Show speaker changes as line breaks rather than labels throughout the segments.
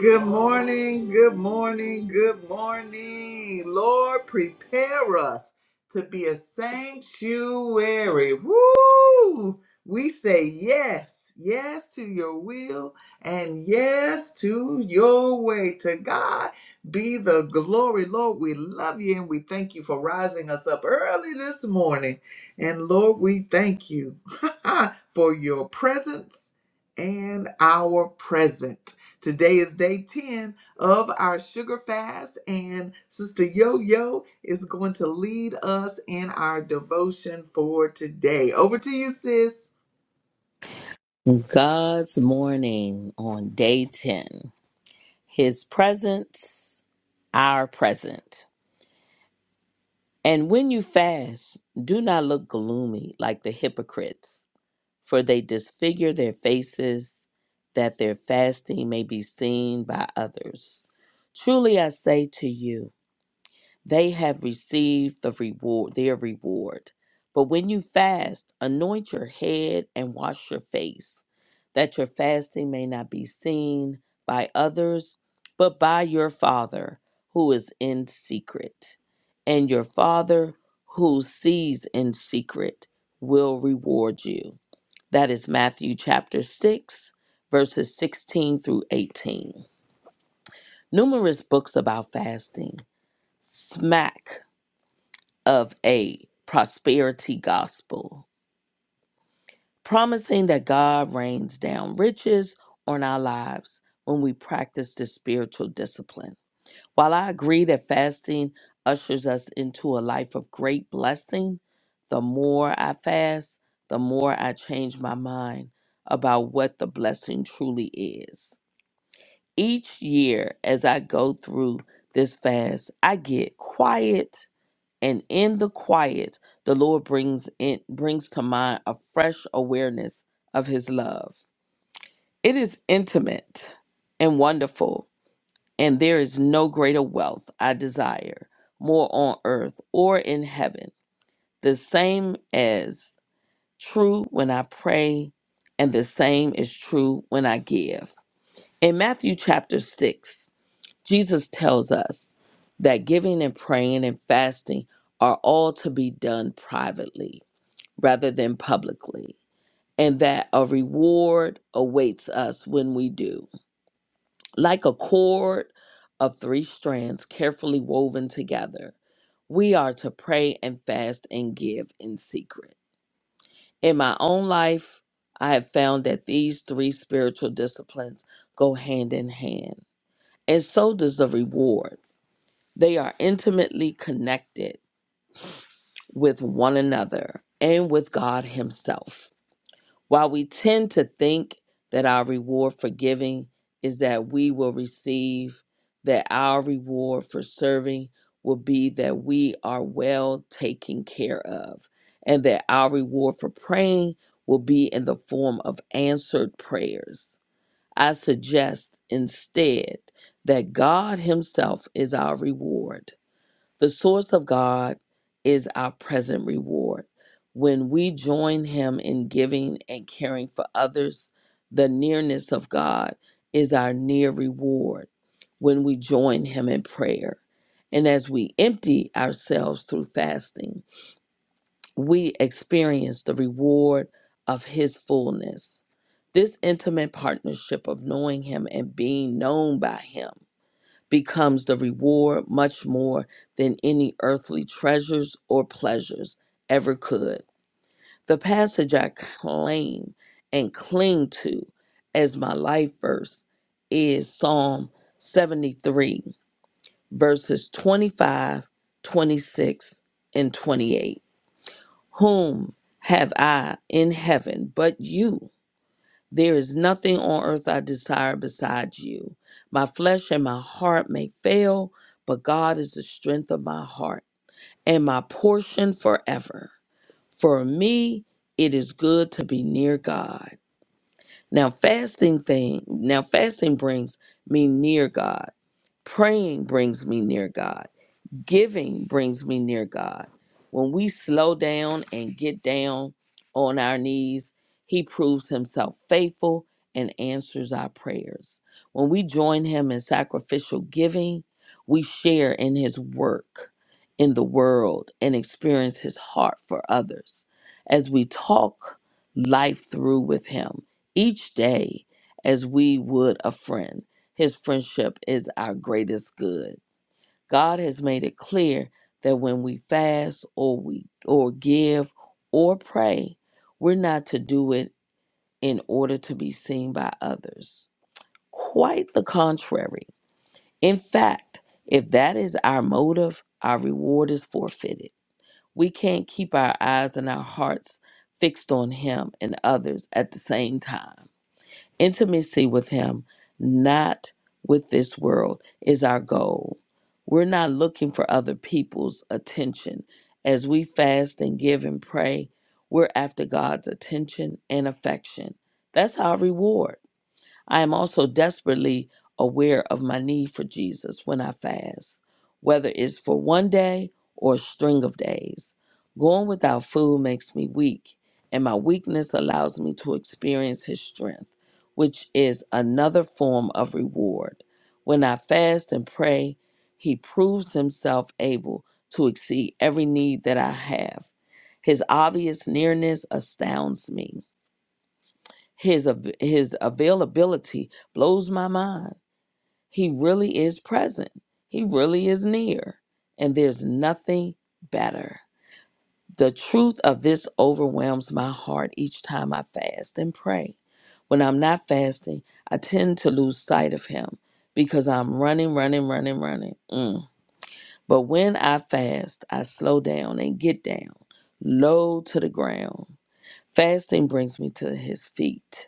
Good morning, good morning, good morning. Lord, prepare us to be a sanctuary. Woo! We say yes, yes to your will, and yes to your way. To God be the glory. Lord, we love you and we thank you for rising us up early this morning. And Lord, we thank you for your presence and our present. Today is day 10 of our sugar fast, and Sister Yo Yo is going to lead us in our devotion for today. Over to you, sis.
God's morning on day 10. His presence, our present. And when you fast, do not look gloomy like the hypocrites, for they disfigure their faces that their fasting may be seen by others. Truly I say to you, they have received the reward, their reward. But when you fast, anoint your head and wash your face, that your fasting may not be seen by others, but by your Father who is in secret. And your Father who sees in secret will reward you. That is Matthew chapter 6, verses 16 through 18. Numerous books about fasting smack of a prosperity gospel, promising that God rains down riches on our lives when we practice this spiritual discipline. While I agree that fasting ushers us into a life of great blessing, the more I fast, the more I change my mind about what the blessing truly is. Each year, as I go through this fast, I get quiet and in the quiet the lord brings in brings to mind a fresh awareness of his love it is intimate and wonderful and there is no greater wealth i desire more on earth or in heaven the same as true when i pray and the same is true when i give in matthew chapter 6 jesus tells us that giving and praying and fasting are all to be done privately rather than publicly, and that a reward awaits us when we do. Like a cord of three strands carefully woven together, we are to pray and fast and give in secret. In my own life, I have found that these three spiritual disciplines go hand in hand, and so does the reward. They are intimately connected with one another and with God Himself. While we tend to think that our reward for giving is that we will receive, that our reward for serving will be that we are well taken care of, and that our reward for praying will be in the form of answered prayers. I suggest instead that God Himself is our reward the source of God is our present reward. When we join Him in giving and caring for others, the nearness of God is our near reward when we join Him in prayer. And as we empty ourselves through fasting, we experience the reward of His fullness. This intimate partnership of knowing Him and being known by Him becomes the reward much more than any earthly treasures or pleasures ever could. The passage I claim and cling to as my life verse is Psalm 73, verses 25, 26, and 28. Whom have I in heaven but you? There is nothing on earth I desire besides you. My flesh and my heart may fail, but God is the strength of my heart and my portion forever. For me, it is good to be near God. Now fasting thing, now fasting brings me near God. Praying brings me near God. Giving brings me near God. When we slow down and get down on our knees, He proves Himself faithful and answers our prayers. When we join Him in sacrificial giving, we share in His work in the world and experience His heart for others. As we talk life through with Him each day, as we would a friend, His friendship is our greatest good. God has made it clear that when we fast or we or give or pray, we're not to do it in order to be seen by others. Quite the contrary. In fact, if that is our motive, our reward is forfeited. We can't keep our eyes and our hearts fixed on him and others at the same time. Intimacy with Him, not with this world, is our goal. We're not looking for other people's attention. As we fast and give and pray, we're after God's attention and affection. That's our reward. I am also desperately aware of my need for Jesus when I fast, whether it's for one day or a string of days. Going without food makes me weak, and my weakness allows me to experience His strength, which is another form of reward. When I fast and pray, He proves Himself able to exceed every need that I have. His obvious nearness astounds me. His av- his availability blows my mind. He really is present. He really is near, and there's nothing better. The truth of this overwhelms my heart each time I fast and pray. When I'm not fasting, I tend to lose sight of him because I'm running, running, running, running. Mm. But when I fast, I slow down and get down, low to the ground. Fasting brings me to his feet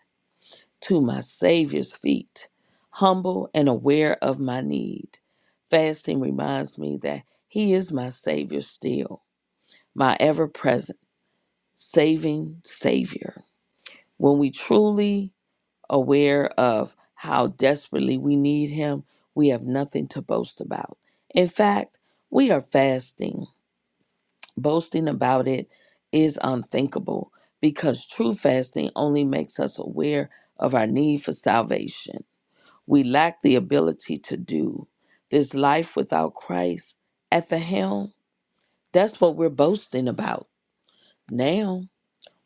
to my Savior's feet, humble and aware of my need. Fasting reminds me that He is my Savior still, my ever present, saving Savior. When we truly aware of how desperately we need Him, we have nothing to boast about. In fact, we are fasting. Boasting about it is unthinkable because true fasting only makes us aware of our need for salvation. We lack the ability to do this life without Christ at the helm. That's what we're boasting about now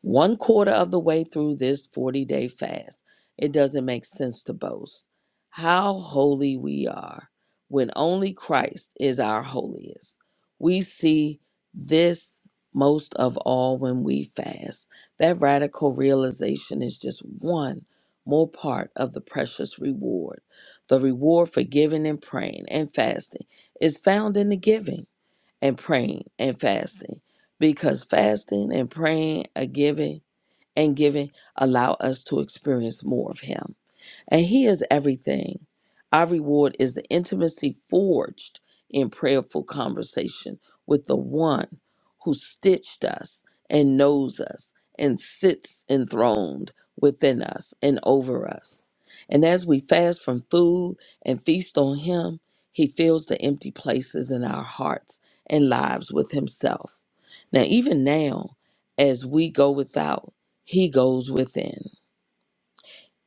one quarter of the way through this 40 day fast, it doesn't make sense to boast how holy we are when only Christ is our holiest. We see this most of all when we fast. That radical realization is just one more part of the precious reward. The reward for giving and praying and fasting is found in the giving and praying and fasting because fasting and praying and giving and giving allow us to experience more of him and He is everything. Our reward is the intimacy forged in prayerful conversation with the one who stitched us and knows us and sits enthroned within us and over us. And as we fast from food and feast on Him, He fills the empty places in our hearts and lives with Himself. Now, even now, as we go without, He goes within.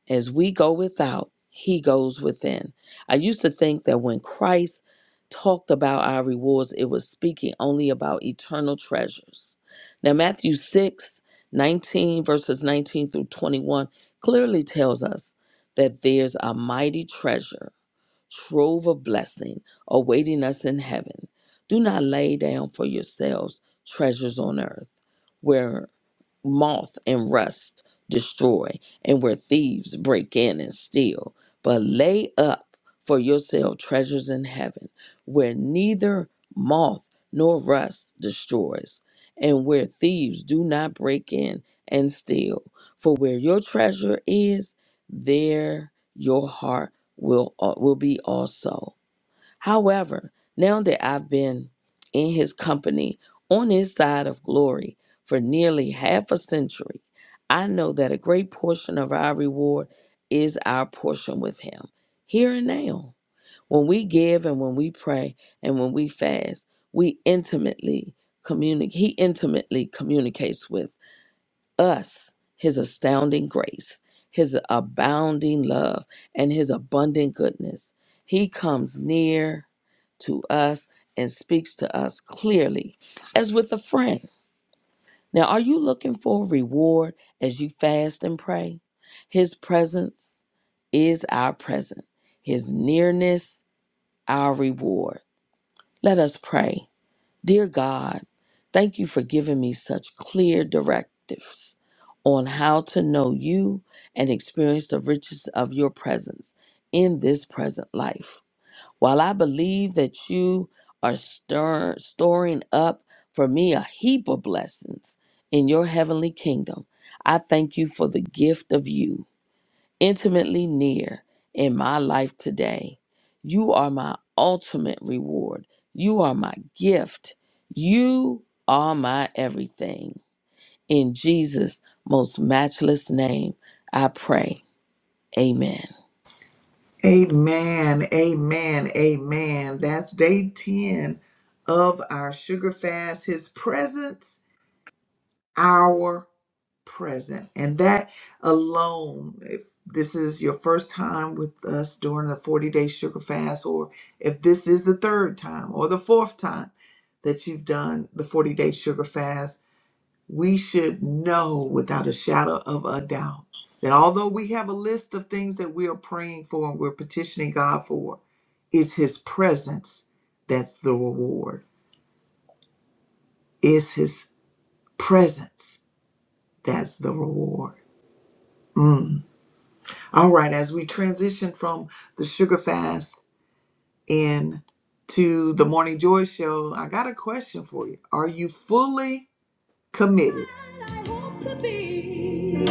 As we go without, he goes within. I used to think that when Christ talked about our rewards, it was speaking only about eternal treasures. Now, Matthew 6 19 verses 19 through 21, clearly tells us that there's a mighty treasure trove of blessing awaiting us in heaven. Do not lay down for yourselves treasures on earth where moth and rust destroy, and where thieves break in and steal. But lay up for yourself treasures in heaven, where neither moth nor rust destroys, and where thieves do not break in and steal. For where your treasure is, there your heart will uh, will be also. However, now that I've been in his company on his side of glory for nearly half a century, I know that a great portion of our reward is our portion with him here and now. When we give and when we pray and when we fast, we intimately communicate he intimately communicates with us his astounding grace, his abounding love, and his abundant goodness. He comes near to us and speaks to us clearly as with a friend. Now, are you looking for reward as you fast and pray? His presence is our present, his nearness, our reward. Let us pray. Dear God, thank you for giving me such clear directives on how to know you and experience the riches of your presence in this present life. While I believe that you are stir- storing up for me a heap of blessings in your heavenly kingdom, I thank you for the gift of you intimately near in my life today. You are my ultimate reward. You are my gift. You are my everything. In Jesus' most matchless name, I pray. Amen.
Amen, amen, amen. That's day 10 of our sugar fast. His presence, our present. And that alone, if this is your first time with us during a 40 day sugar fast, or if this is the third time or the fourth time that you've done the 40 day sugar fast, we should know without a shadow of a doubt that although we have a list of things that we are praying for and we're petitioning God for, it's His presence that's the reward. It's His presence that's the reward. All right, as we transition from the sugar fast in to the Morning Joy Show, I got a question for you. Are you fully committed? I hope to be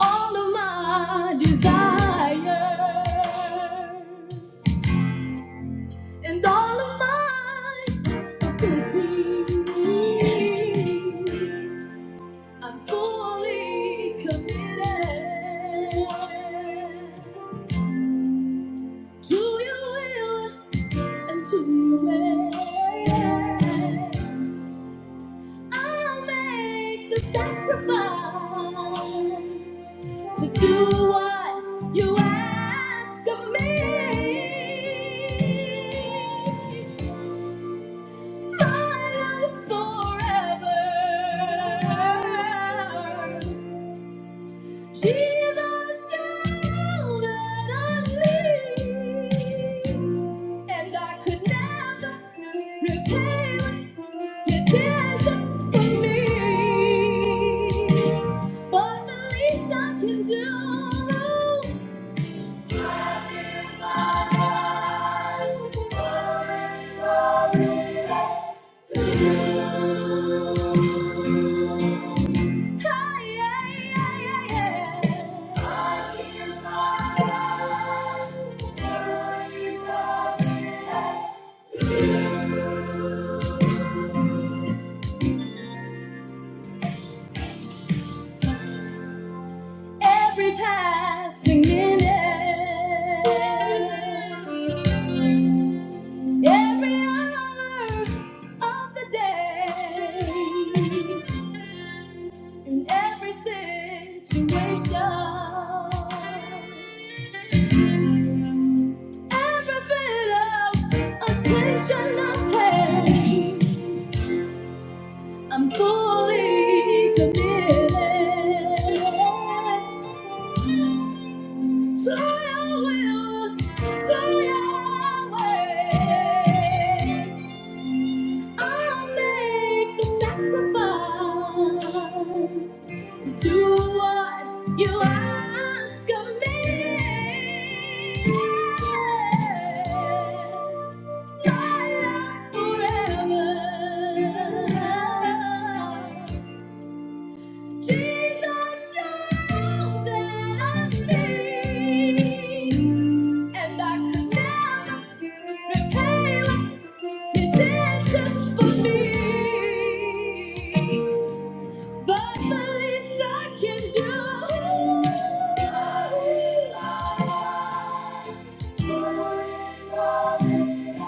all of my desires and all of my pity. I'm fully committed to your will and to your way. I'll make the sacrifice to do what you ask of me. My life's forever. These are still that I need, and I could never repay what you did just for me. But the least I can do, I give all to you. Hey, yeah, yeah, yeah, yeah. I give my up. I give up. Every passing minute, every hour of the day, in every situation, every bit of attention I pay. I'm fully committed. So I will, so I will. I'll make the sacrifice to do what you ask of me. Guide us forever. Jesus, you're older than me, and I could never repay what you did just for me. But the least I can do.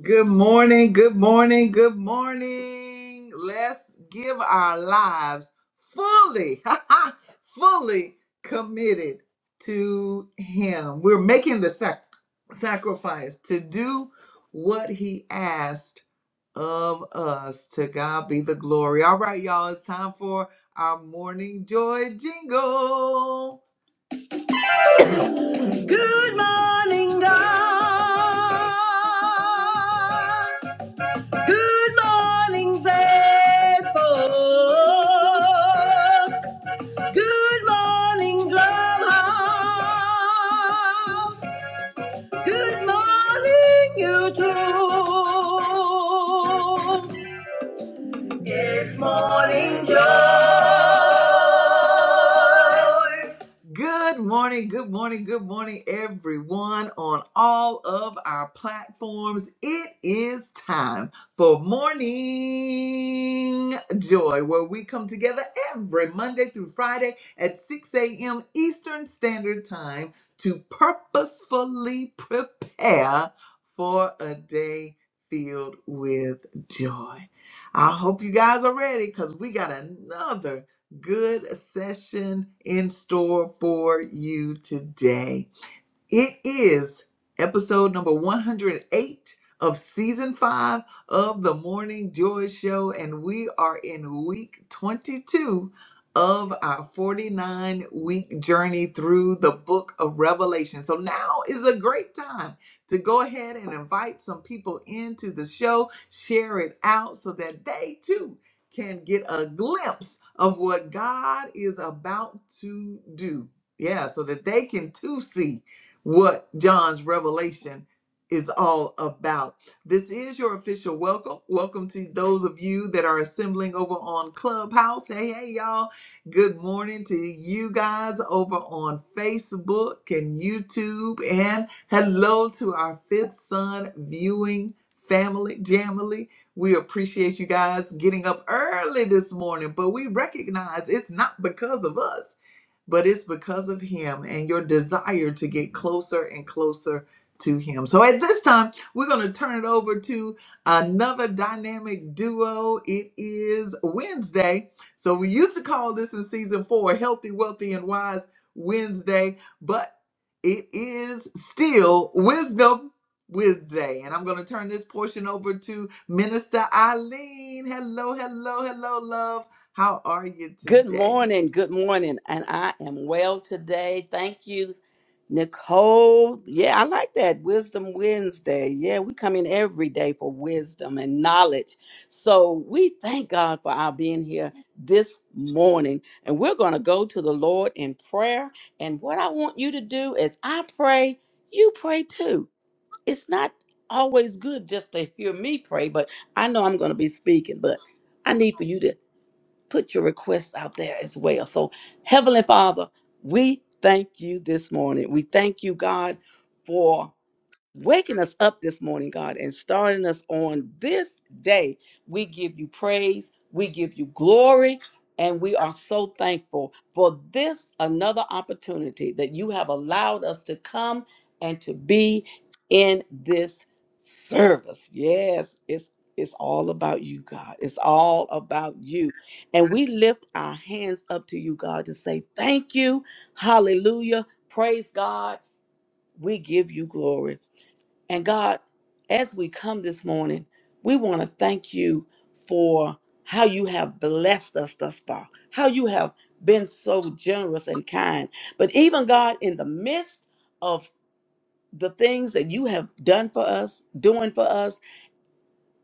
Good morning, good morning, good morning. Let's give our lives fully, fully committed to Him. We're making the sac- sacrifice to do what He asked of us. To God be the glory. All right, y'all, it's time for our morning joy jingle. Good morning, good morning, good morning, everyone on all of our platforms. It is time for Morning Joy, where we come together every Monday through Friday at 6 a.m. Eastern Standard Time to purposefully prepare for a day filled with joy. I hope you guys are ready because we got another good session in store for you today. It is episode number 108 of season five of the Morning Joy Show, and we are in week 22 of our 49 week journey through the book of Revelation. So now is a great time to go ahead and invite some people into the show, share it out so that they too can get a glimpse of what God is about to do. Yeah, so that they can too see what John's revelation is all about. This is your official welcome. Welcome to those of you that are assembling over on Clubhouse. Hey, hey, y'all. Good morning to you guys over on Facebook and YouTube. And hello to our fifth son viewing family, Jamily. We appreciate you guys getting up early this morning, but we recognize it's not because of us but it's because of Him and your desire to get closer and closer to Him. So at this time, we're going to turn it over to another dynamic duo. It is Wednesday. So we used to call this in season four Healthy, Wealthy, and Wise Wednesday, but it is still Wisdom. Wednesday, and I'm going to turn this portion over to Minister Eileen. Hello, hello, hello, love. How are you
Good
today?
morning. Good morning. And I am well today. Thank you, Nicole. Yeah, I like that. Wisdom Wednesday. Yeah, we come in every day for wisdom and knowledge. So we thank God for our being here this morning. And we're going to go to the Lord in prayer. And what I want you to do is I pray, you pray too. It's not always good just to hear me pray, but I know I'm going to be speaking, but I need for you to put your requests out there as well. So, Heavenly Father, we thank you this morning. We thank you, God, for waking us up this morning, God, and starting us on this day. We give you praise, we give you glory, and we are so thankful for this another opportunity that you have allowed us to come and to be in this service. Yes, it's it's all about you, God. It's all about you. And we lift our hands up to you, God, to say thank you. Hallelujah. Praise God. We give you glory. And God, as we come this morning, we want to thank you for how you have blessed us thus far, how you have been so generous and kind. But even God, in the midst of the things that you have done for us, doing for us,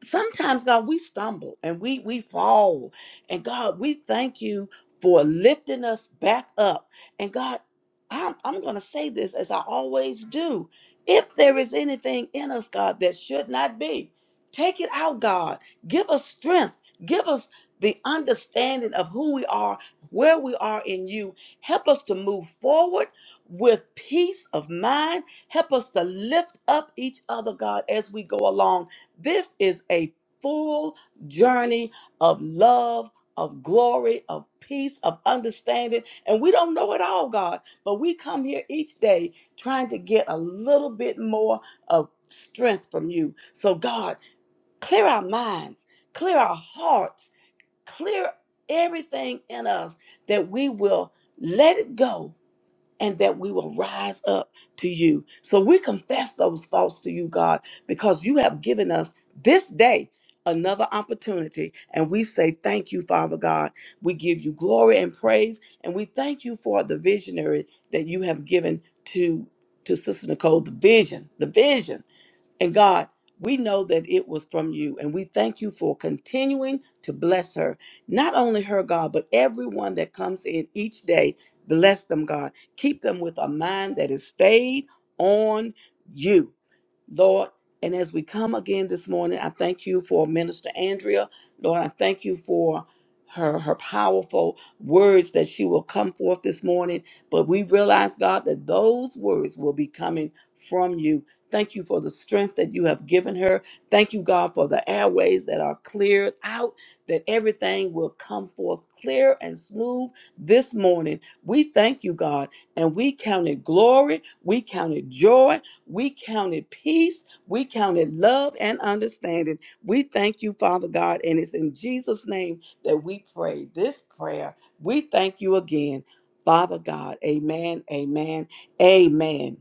sometimes god we stumble and we we fall and god we thank you for lifting us back up and god i'm, I'm going to say this as i always do if there is anything in us god that should not be take it out god give us strength give us the understanding of who we are where we are in you help us to move forward with peace of mind help us to lift up each other god as we go along this is a full journey of love, of glory, of peace, of understanding. And we don't know it all, God, but we come here each day trying to get a little bit more of strength from you. So, God, clear our minds, clear our hearts, clear everything in us that we will let it go and that we will rise up to you. So we confess those faults to you, God, because you have given us this day another opportunity. And we say, Thank you, Father God. We give you glory and praise. And we thank you for the visionary that you have given to, to Sister Nicole, the vision, the vision and God, we know that it was from you, and we thank you for continuing to bless her. Not only her, God, but everyone that comes in each day. Bless them, God. Keep them with a mind that is stayed on you. Lord. And as we come again this morning, I thank you for Minister Andrea. Lord, I thank you for her her powerful words that she will come forth this morning. But we realize, God, that those words will be coming from you. Thank you for the strength that you have given her. Thank you, God, for the airways that are cleared out, that everything will come forth clear and smooth this morning. We thank you, God, and we count it glory. We count it joy we counted peace. We counted love and understanding. We thank you, Father God, and it's in Jesus' name that we pray this prayer. We thank you again, Father God. Amen, amen, amen.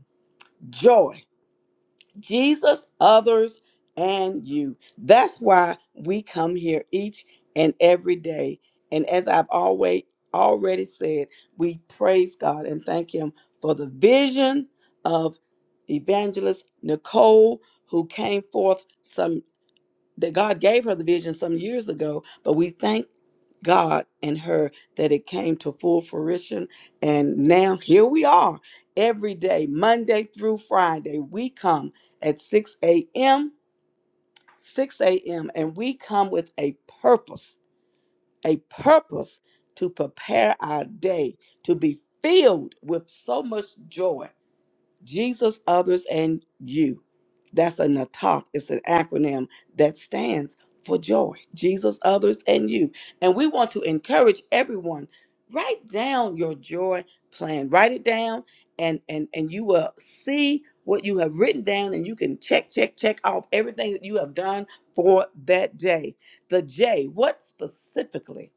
Joy. Jesus, others, and you. That's why we come here each and every day. And as I've always already said, we praise God and thank Him for the vision of evangelist Nicole, who came forth some that God gave her the vision some years ago. But we thank God and her that it came to full fruition. And now here we are every day, Monday through Friday. We come at 6 a.m., 6 a.m., and we come with a purpose, a purpose to prepare our day to be filled with so much joy Jesus, others, and you. That's a NATOC. It's an acronym that stands for joy. Jesus, others, and you. And we want to encourage everyone. Write down your joy plan. Write it down, and and and you will see what you have written down, and you can check, check, check off everything that you have done for that day. The J. What specifically?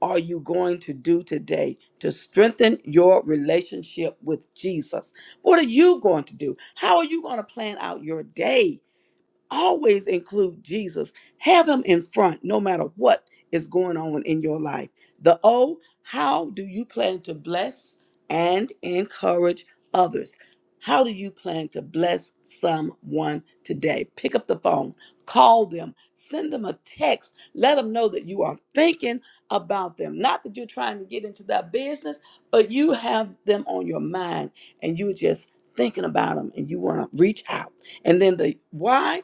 are you going to do today to strengthen your relationship with Jesus? What are you going to do? How are you going to plan out your day? always include Jesus. Have him in front no matter what is going on in your life. The O, how do you plan to bless and encourage others? How do you plan to bless someone today? Pick up the phone, call them, send them a text, let them know that you are thinking about them. Not that you're trying to get into their business, but you have them on your mind and you're just thinking about them and you want to reach out. And then the why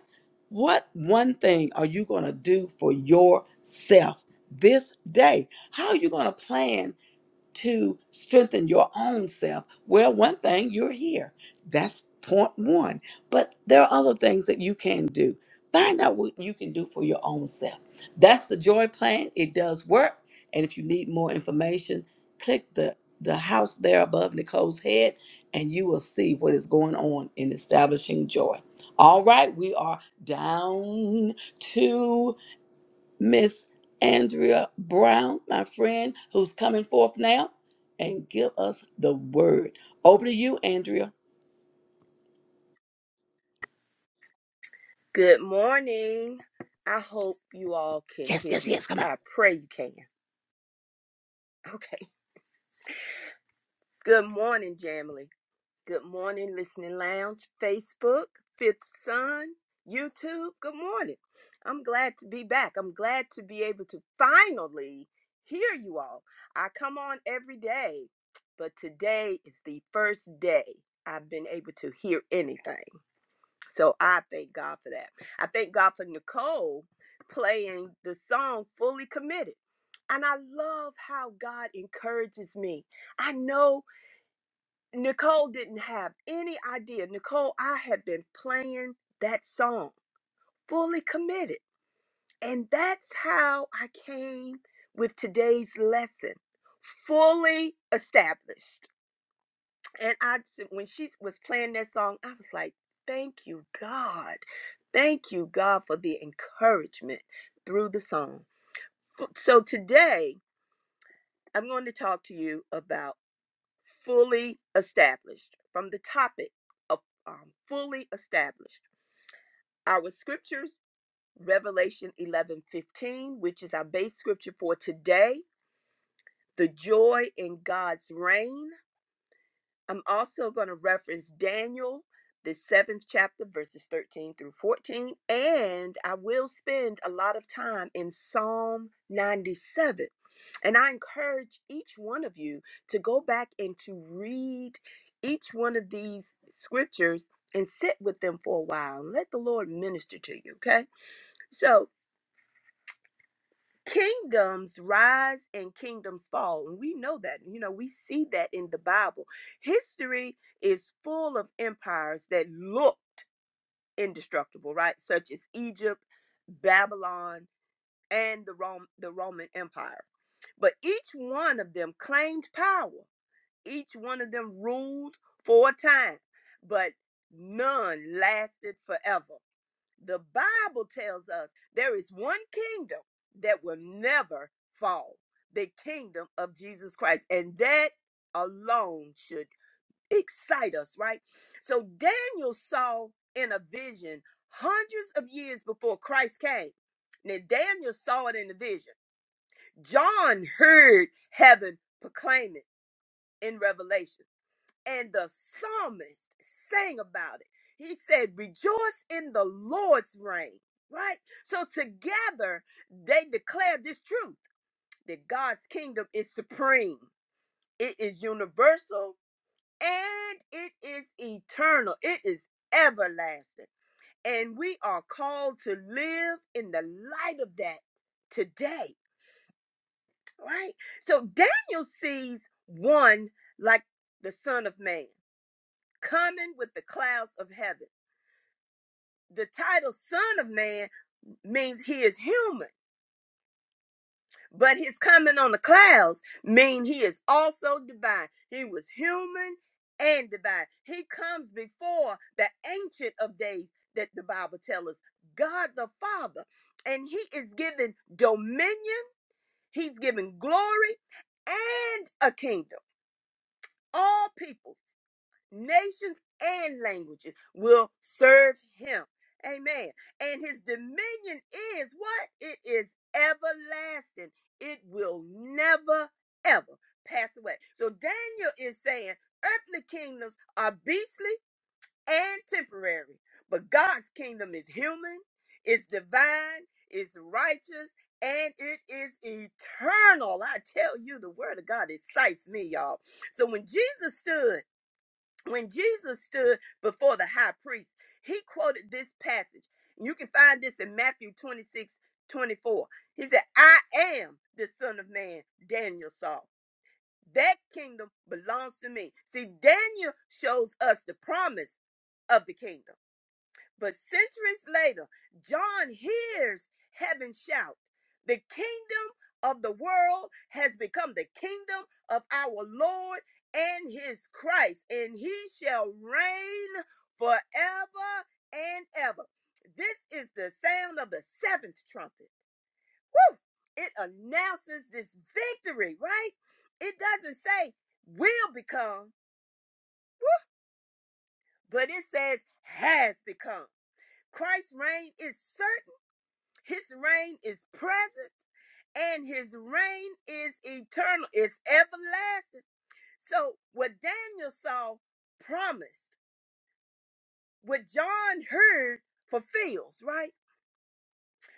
what one thing are you going to do for yourself this day? How are you going to plan to strengthen your own self. Well, one thing, you're here. That's point one. But there are other things that you can do. Find out what you can do for your own self. That's the joy plan. It does work. And if you need more information, click the, the house there above Nicole's head and you will see what is going on in establishing joy. All right, we are down Miss Andrea Brown, my friend, who's coming forth now, and give us the word. Over to you, Andrea.
Good morning. I hope you all can
Yes,
hear
yes,
me.
yes. Come on.
I pray you can. Okay. Good morning, Jamily. Good morning, Listening Lounge, Facebook, Fifth Sun, YouTube. Good morning. I'm glad to be back. I'm glad to be able to finally hear you all. I come on every day, but today is the first day I've been able to hear anything. So I thank God for that. I thank God for Nicole playing the song Fully Committed. And I love how God encourages me. I know Nicole didn't have any idea. Nicole, I have been playing that song, Fully Committed. And that's how I came with today's lesson fully established. And I, when she was playing that song, I was like, thank you, God. Thank you, God, for the encouragement through the song. So today, I'm going to talk to you about fully established from the topic of um, fully established. Our scriptures, Revelation 11:15, which is our base scripture for today, the joy in God's reign I'm also going to reference Daniel, the seventh chapter, verses 13 through 14. And I will spend a lot of time in Psalm 97. And I encourage each one of you to go back and to read each one of these scriptures and sit with them for a while and let the Lord minister to you, okay? So, kingdoms rise and kingdoms fall and we know that you know we see that in the bible history is full of empires that looked indestructible right such as egypt babylon and the rome the roman empire but each one of them claimed power each one of them ruled for a time but none lasted forever the Bible tells us there is one kingdom that will never fall the kingdom of Jesus Christ. And that alone should excite us, right? So Daniel saw in a vision hundreds of years before Christ came. Now, Daniel saw it in the vision. John heard heaven proclaim it in Revelation and the psalmist sang about it. He said, Rejoice in the Lord's reign, right? So together they declare this truth that God's kingdom is supreme, it is universal, and it is eternal, it is everlasting. And we are called to live in the light of that today, right? So Daniel sees one like the Son of Man coming with the clouds of heaven the title son of man means he is human but his coming on the clouds mean he is also divine he was human and divine he comes before the ancient of days that the bible tells us god the father and he is given dominion he's given glory and a kingdom all people. nations and languages will serve him. Amen. And his dominion is what? It is everlasting. It will never, ever pass away. So Daniel is saying earthly kingdoms are beastly and temporary, but God's kingdom is human, it's divine, it's righteous, and it is eternal. I tell you, the word of God excites me, y'all. So when Jesus stood, when Jesus stood before the high priest, he quoted this passage. You can find this in Matthew 26 24. He said, I am the Son of Man, Daniel saw. That kingdom belongs to me. See, Daniel shows us the promise of the kingdom. But centuries later, John hears heaven shout, The kingdom of the world has become the kingdom of our Lord and his Christ, and he shall reign forever and ever. This is the sound of the seventh trumpet. Woo! It announces this victory, right? It doesn't say will become, but it says has become. Christ's reign is certain His reign is present and his reign is eternal, it's everlasting. So, what Daniel saw promised, what John heard fulfills, right?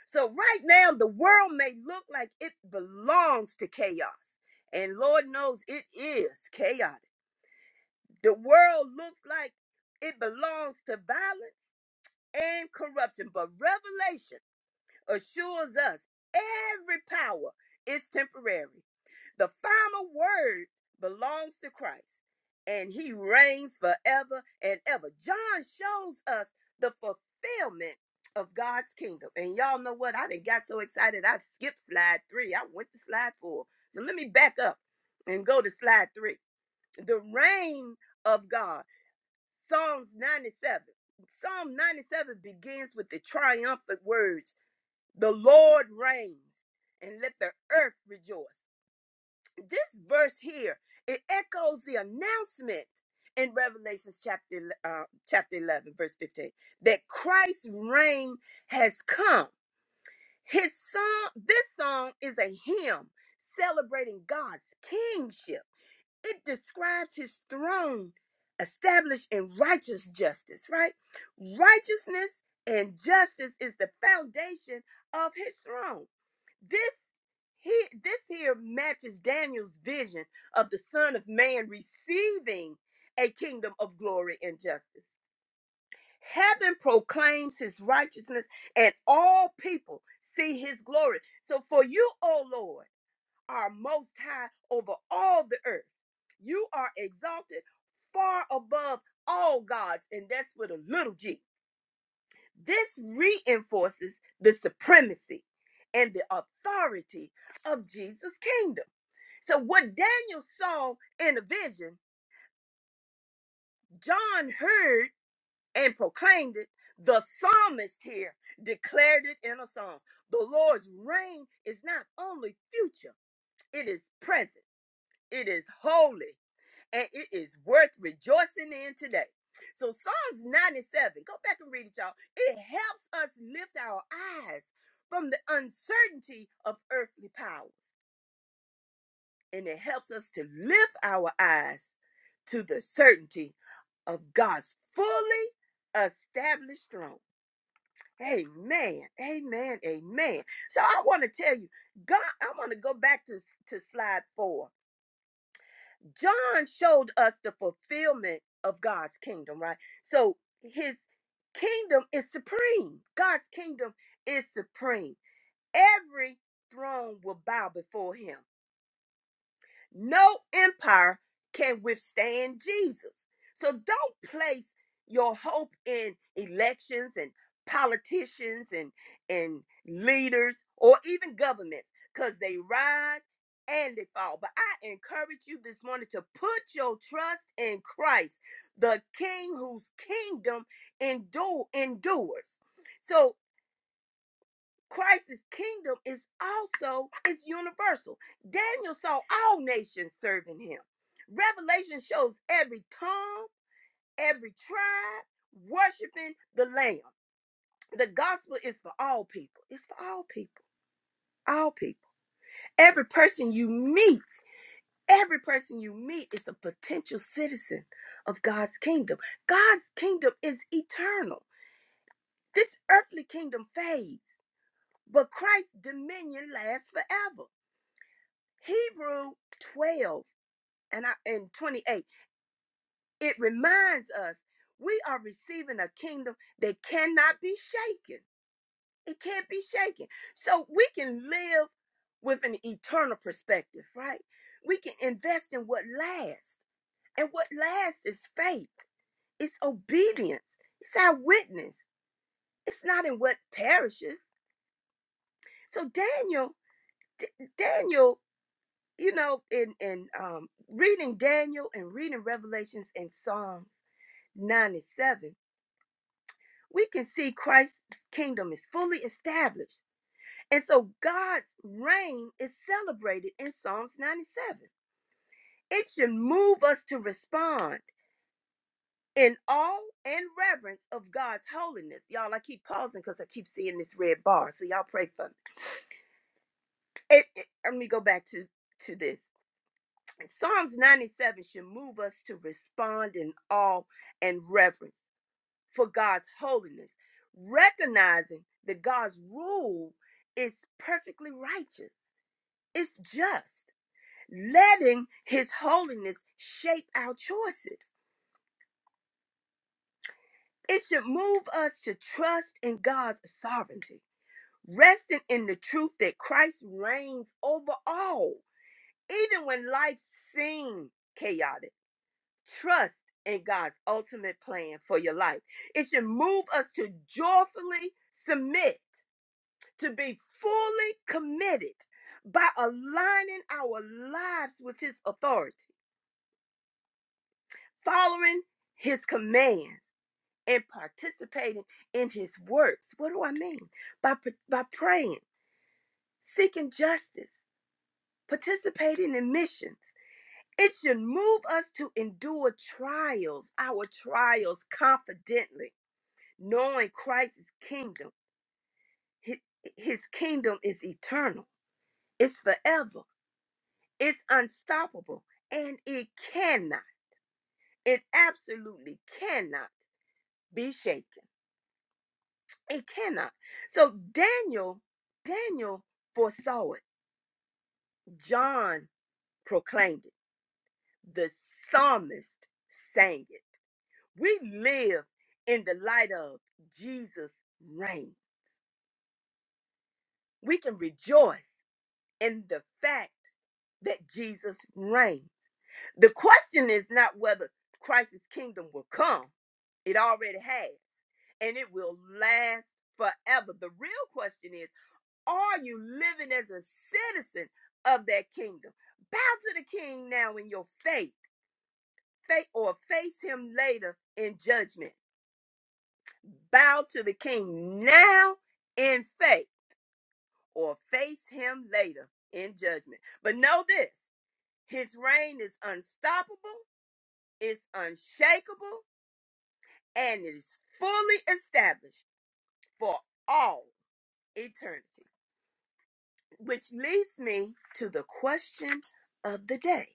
So, right now, the world may look like it belongs to chaos, and Lord knows it is chaotic. The world looks like it belongs to violence and corruption, but revelation assures us every power is temporary. The final word belongs to Christ, and he reigns forever and ever. John shows us the fulfillment of God's kingdom. And y'all know what? I didn't got so excited. I skipped slide three. I went to slide four. So let me back up and go to slide three. The reign of God. Psalms 97. Psalm 97 begins with the triumphant words the Lord reigns, and let the earth rejoice. This verse here it echoes the announcement in Revelations chapter uh, chapter eleven, verse fifteen, that Christ's reign has come. His song, this song is a hymn celebrating God's kingship. It describes His throne established in righteous justice. Right, righteousness and justice is the foundation of His throne this he this here matches Daniel's vision of the Son of Man receiving a kingdom of glory and justice. Heaven proclaims his righteousness, and all people see his glory. So for you, O Lord, are most high over all the earth. You are exalted far above all gods, and that's with a little g. This reinforces the supremacy and the authority of Jesus' kingdom. So, what Daniel saw in a vision, John heard and proclaimed it. The psalmist here declared it in a song. The Lord's reign is not only future, it is present, it is holy, and it is worth rejoicing in today. So Psalms 97, go back and read it, y'all. It helps us lift our eyes from the uncertainty of earthly powers, and it helps us to lift our eyes to the certainty of God's fully established throne. Amen. Amen. Amen. So I want to tell you, God, I want to go back to, to slide four John showed us the fulfillment of God's kingdom, right? So his kingdom is supreme. God's kingdom is supreme. Every throne will bow before him. No empire can withstand Jesus. So don't place your hope in elections and politicians and and leaders or even governments cuz they rise and they fall. But I encourage you this morning to put your trust in Christ, the king whose kingdom endure endures. So Christ's kingdom is also it's universal. Daniel saw all nations serving him. Revelation shows every tongue, every tribe worshiping the Lamb. The gospel is for all people. It's for all people. All people. Every person you meet, every person you meet is a potential citizen of God's kingdom. God's kingdom is eternal. This earthly kingdom fades, but Christ's dominion lasts forever. Hebrew 12 and, I, and 28, it reminds us we are receiving a kingdom that cannot be shaken. It can't be shaken. So we can live with an eternal perspective, right? We can invest in what lasts. And what lasts is faith, it's obedience, it's our witness, it's not in what perishes. So Daniel, D- Daniel you know, in in um, reading Daniel and reading Revelations and Psalms ninety seven, we can see Christ's kingdom is fully established, and so God's reign is celebrated in Psalms ninety seven. It should move us to respond in awe and reverence of God's holiness. Y'all, I keep pausing because I keep seeing this red bar, so y'all pray for me. It, it, let me go back to to this. Psalms 97 should move us to respond in awe and reverence for God's holiness, recognizing that God's rule is perfectly righteous, it's just, letting His holiness shape our choices. It should move us to trust in God's sovereignty, resting in the truth that Christ reigns over all, even when life seems chaotic. Trust in God's ultimate plan for your life. It should move us to joyfully submit, to be fully committed by aligning our lives with His authority, following His commands, and participating in His works. What do I mean? By, by praying, seeking justice, participating in missions. It should move us to endure trials, our trials confidently knowing Christ's kingdom. hi- His kingdom is eternal, it's forever, it's unstoppable, and it cannot, it absolutely cannot be shaken. It cannot. So Daniel, Daniel foresaw it. John proclaimed it. The psalmist sang it. We live in the light of Jesus' reign. We can rejoice in the fact that Jesus reigns The question is not whether Christ's kingdom will come, it already has, and it will last forever. The real question is are you living as a citizen of that kingdom? Bow to the king now in your faith, faith or face him later in judgment. Bow to the king now in faith or face him later in judgment. But know this his reign is unstoppable, it's unshakable, and is fully established for all eternity. Which leads me to the question of the day.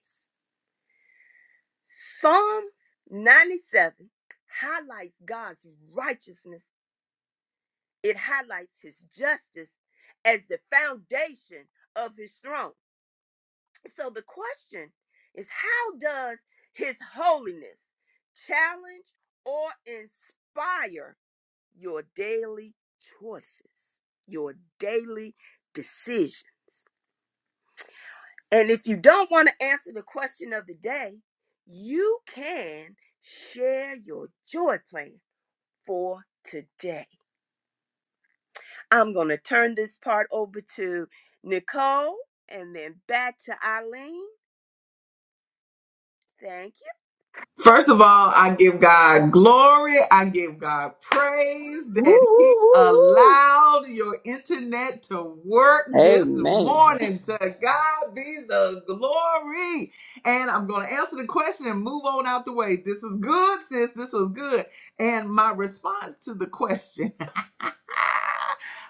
Psalms 97 highlights God's righteousness, it highlights his justice as the foundation of his throne. So the question is how does his holiness challenge or inspire? your daily choices, your daily decision. And if you don't want to answer the question of the day, you can share your joy plan for today. I'm going to turn this part over to Nicole and then back to Eileen. Thank
First of all, I give God glory. I give God praise
Woo, woo,
that He
woo, woo.
allowed your internet to work this
Amen.
morning. To God be the glory. And I'm going to answer the question and move on out the way. This is good, sis. This was good. And my response to the question.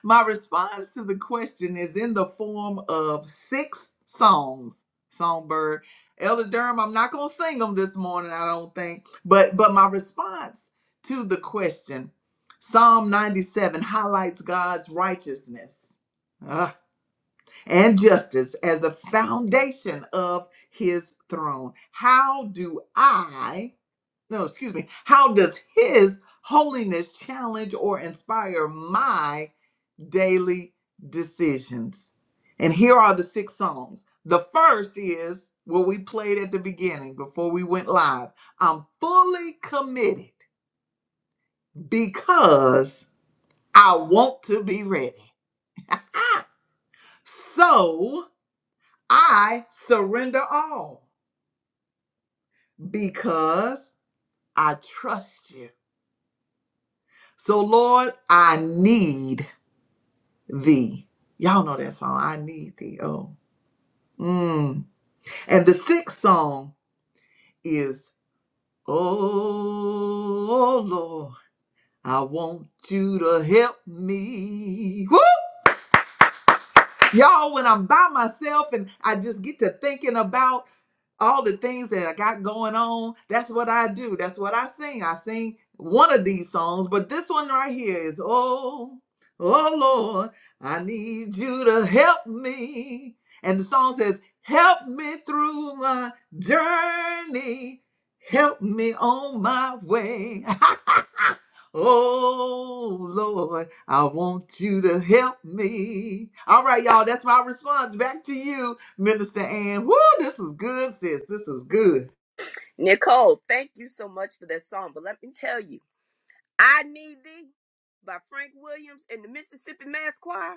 My response to the question is in the form of six songs. Songbird, Elder Durham, I'm not gonna sing them this morning, I don't think. But but my response to the question, Psalm 97 highlights God's righteousness uh, and justice as the foundation of His throne. How do I? No, excuse me. How does His holiness challenge or inspire my daily decisions. And here are the six songs. The first is what we played at the beginning before we went live. I'm fully committed because I want to be ready. Ah, So I surrender all because I trust you. So, Lord, I need thee. Y'all know that song, I Need Thee. Oh, mm. and the sixth song is Oh Lord, I want you to help me. Woo! Y'all, when I'm by myself and I just get to thinking about all the things that I got going on, that's what I do. That's what I sing. I sing one of these songs, but this one right here is oh, oh Lord, I need you to help me. And the song says, Help me through my journey. Help me on my way. oh Lord, I want you to help me. All right, y'all, that's my response. Back to you. Minister Ann, woo, this was good, sis. This is good.
you. Nicole, thank you so much for that song. But let me tell you, I Need Thee by Frank Williams and the Mississippi Mass Choir,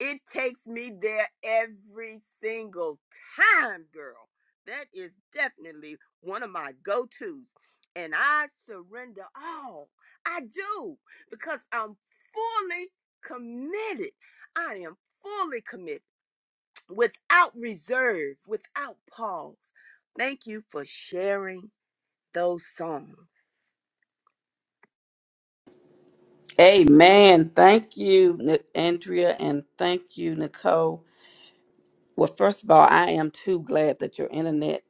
it takes me there every single time, girl. That is definitely one of my go tos. And I surrender all. I do because I'm fully committed. I am fully committed without reserve, without pause. Thank you for sharing those songs.
Amen. Thank you, Ni- Andrea, and thank you, Nicole. Well, first of all, I am too glad that your internet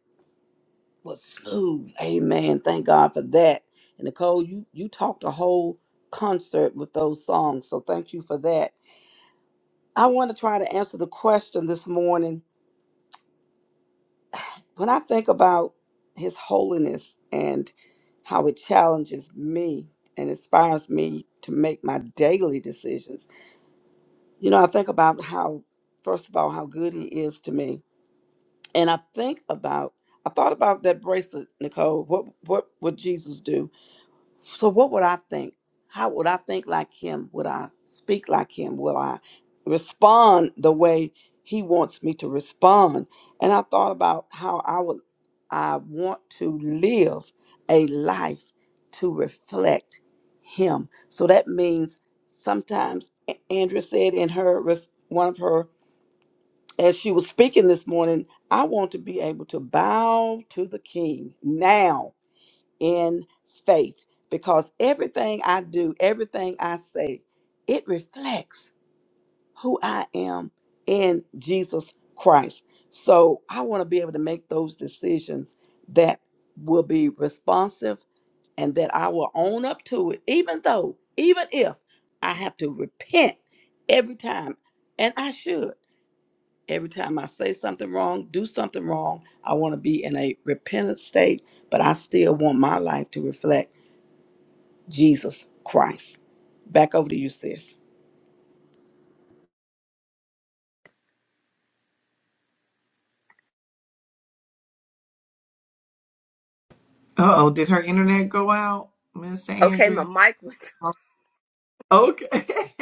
was smooth. Amen. Thank God for that. And Nicole, you you talked a whole concert with those songs, so thank you for that. I want to try to answer the question this morning. When I think about His holiness and how it challenges me and inspires me to make my daily decisions, you know, I think about how, first of all, how good He is to me. And I think about, I thought about that bracelet, Nicole. What, what would Jesus do? So what would I think? How would I think like him? Would I speak like him? Will I respond the way he wants me to respond? And I thought about how I would I want to live a life to reflect him. So that means sometimes A- Andrea said in her res- one of her as she was speaking this morning, I want to be able to bow to the king now in faith because everything I do, everything I say, it reflects who I am in Jesus Christ. So I want to be able to make those decisions that will be responsive and that I will own up to it, even though, even if I have to repent every time, and I should. Every time I say something wrong, do something wrong, I want to be in a repentant state, but I still want my life to reflect Jesus Christ. Back over to you, sis.
Uh oh, did her internet go out, Minister
Okay, my
Andrea?
mic went
Okay.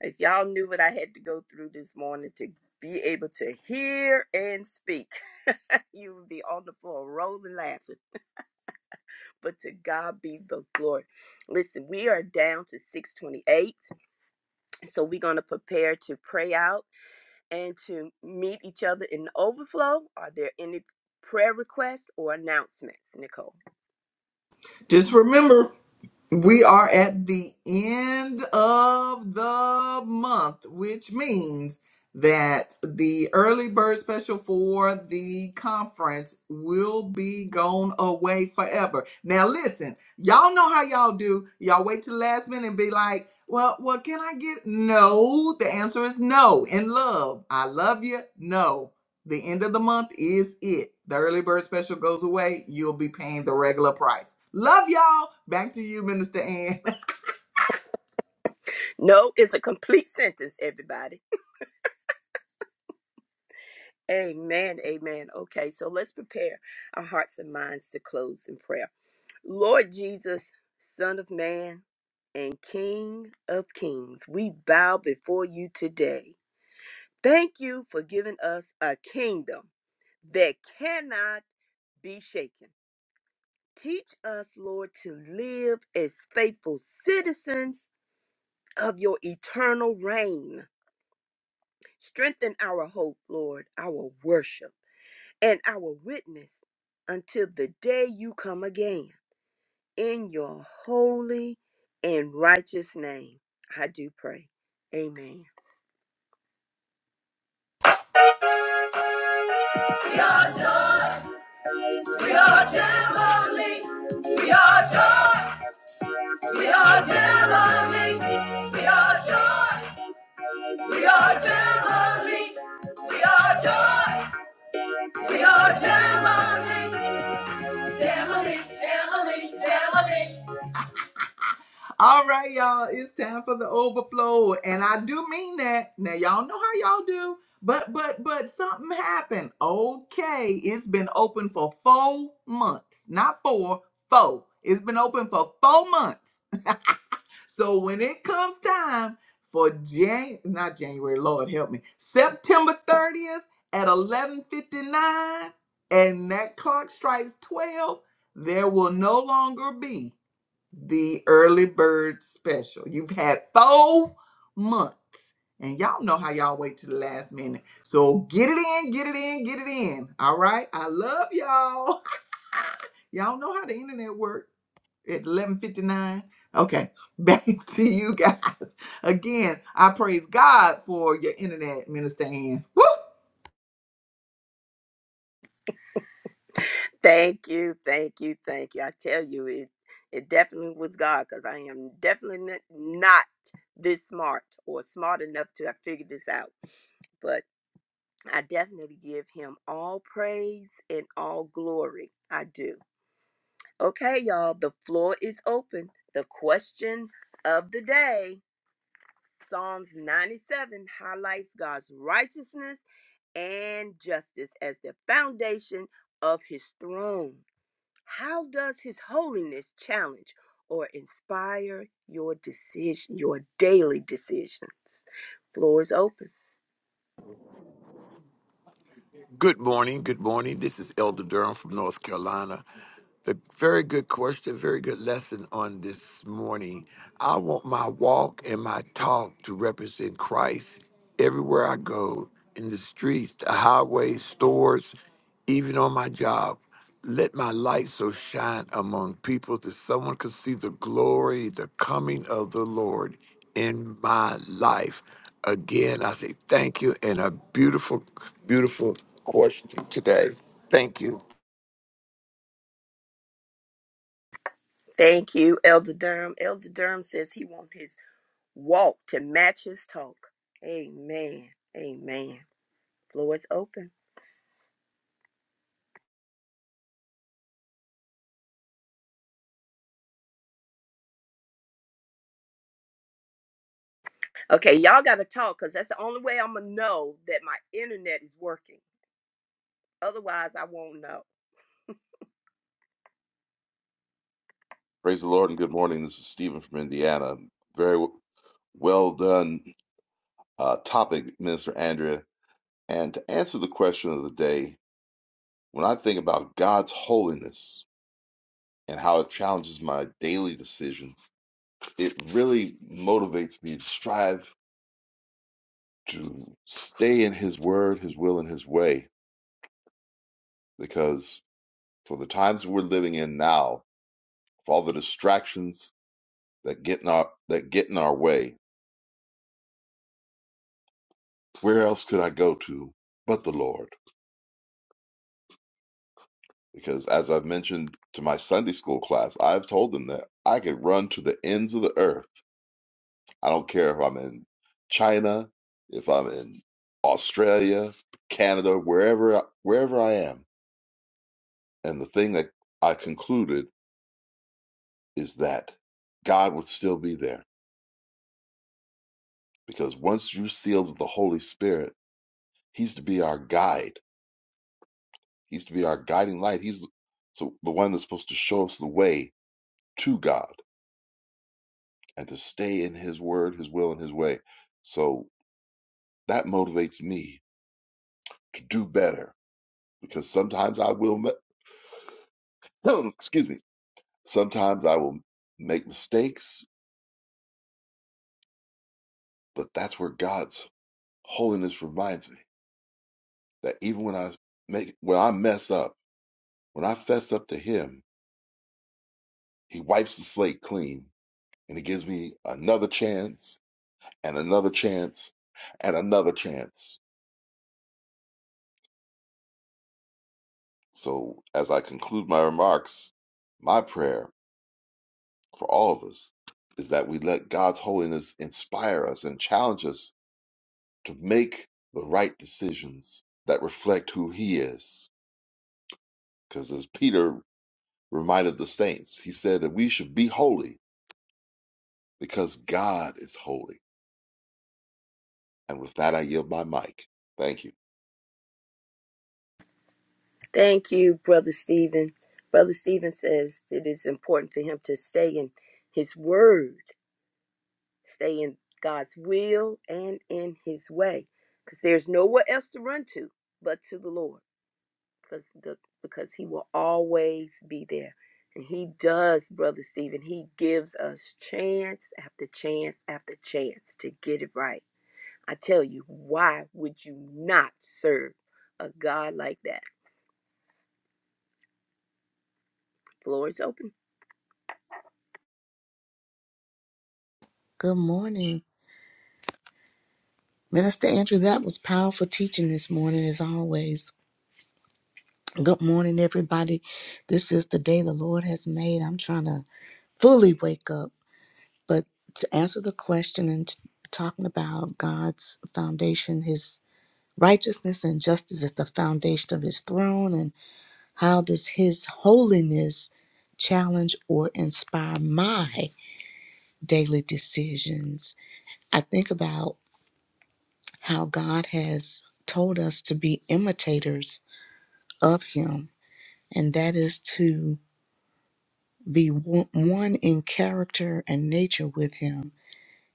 If y'all knew what I had to go through this morning to be able to hear and speak, you would be on the floor rolling laughing. But to God be the glory. Listen, we are down to 628. So we're going to prepare to pray out and to meet each other in the overflow. Are there any prayer requests or announcements, Nicole?
Just remember. We are at the end of the month, which means that the early bird special for the conference will be gone away forever. Now, listen, y'all know how y'all do. Y'all wait till the last minute and be like, well, what can I get? No, the answer is no. In love, I love you. No. The end of the month is it. The early bird special goes away. You'll be paying the regular price. Love y'all. Back to you, Minister Ann.
No is a complete sentence, everybody. Amen. Amen. Okay, so let's prepare our hearts and minds to close in prayer. Lord Jesus, Son of Man and King of Kings, we bow before you today. Thank you for giving us a kingdom that cannot be shaken. Teach us, Lord, to live as faithful citizens of your eternal reign. Strengthen our hope, Lord, our worship, and our witness until the day you come again. In your holy and righteous name, I do pray. Amen.
We are joy. We are Jamboree. We are joy. We are Jamboree. We are joy. We are Jamboree. We are joy. We are Jamboree. Jamboree. Jamboree. Jamboree. All right, y'all. It's time for the overflow, and I do mean that. Now, y'all know how y'all do, but but but something happened. Okay, it's been open for four months, not four, four. It's been open for four months. So when it comes time for Jan, not January, Lord help me, September thirtieth at eleven fifty nine, and that clock strikes twelve, there will no longer be the early bird special. You've had four months, and y'all know how y'all wait to the last minute. So get it in, get it in, get it in. All right, I love y'all. Y'all know how the internet works at eleven fifty nine. Okay, back to you guys again. I praise God for your internet, Minister Ann. Woo!
Thank you, thank you, thank you. I tell you, it it definitely was God because I am definitely n- not this smart or smart enough to have figured this out. But I definitely give Him all praise and all glory. I do. Okay, y'all, the floor is open. The question of the day Psalms 97 highlights God's righteousness and justice as the foundation of his throne. How does his holiness challenge or inspire your decision, your daily decisions? Floor is open.
Good morning. Good morning. This is Elder Durham from North Carolina. The very good question, very good lesson on this morning. I want my walk and my talk to represent Christ everywhere I go in the streets, the highways, stores, even on my job. Let my light so shine among people that someone could see the glory, the coming of the Lord in my life. Again, I say thank you and a beautiful, beautiful question today. Thank you.
Thank you, Elder Durham. Elder Durham says he wants his walk to match his talk. Amen. Amen. Floor is open. Okay, y'all got to talk because that's the only way I'm going to know that my internet is working. Otherwise, I won't know.
Praise the Lord and good morning. This is Stephen from Indiana. Very w- well done uh, topic, Minister Andrea. And to answer the question of the day, when I think about God's holiness and how it challenges my daily decisions, it really motivates me to strive to stay in His Word, His will, and His way. Because for the times we're living in now, for all the distractions that get in our that get in our way, where else could I go to but the Lord? Because as I've mentioned to my Sunday school class, I've told them that I could run to the ends of the earth. I don't care if I'm in China, if I'm in Australia, Canada, wherever wherever I am. And the thing that I concluded is that God would still be there because once you're sealed with the Holy Spirit, he's to be our guide. He's to be our guiding light. He's the, so the one that's supposed to show us the way to God. and to stay in his word, his will, and his way. So that motivates me to do better because sometimes I will, me- excuse me, sometimes I will make mistakes, but that's where God's holiness reminds me that even when I make, when I mess up, when I fess up to Him, He wipes the slate clean and He gives me another chance and another chance and another chance. So as I conclude my remarks, my prayer for all of us is that we let God's holiness inspire us and challenge us to make the right decisions that reflect who He is. Because as Peter reminded the saints, he said that we should be holy because God is holy. And with that, I yield my mic. Thank you.
Thank you, Brother Stephen. Brother Stephen says that it's important for him to stay in his word, stay in God's will and in his way, because there's nowhere else to run to but to the Lord, because the, because he will always be there. And he does, Brother Stephen. He gives us chance after chance after chance to get it right. I tell you, why would you not serve a God like that? Floor is open.
Good morning. Minister Andrew, that was powerful teaching this morning, as always. Good morning, everybody. This is the day the Lord has made. I'm trying to fully wake up. But to answer the question and t- talking about God's foundation, His righteousness and justice is the foundation of His throne. And how does His holiness challenge or inspire my daily decisions? I think about how God has told us to be imitators of Him, and that is to be one one in character and nature with Him.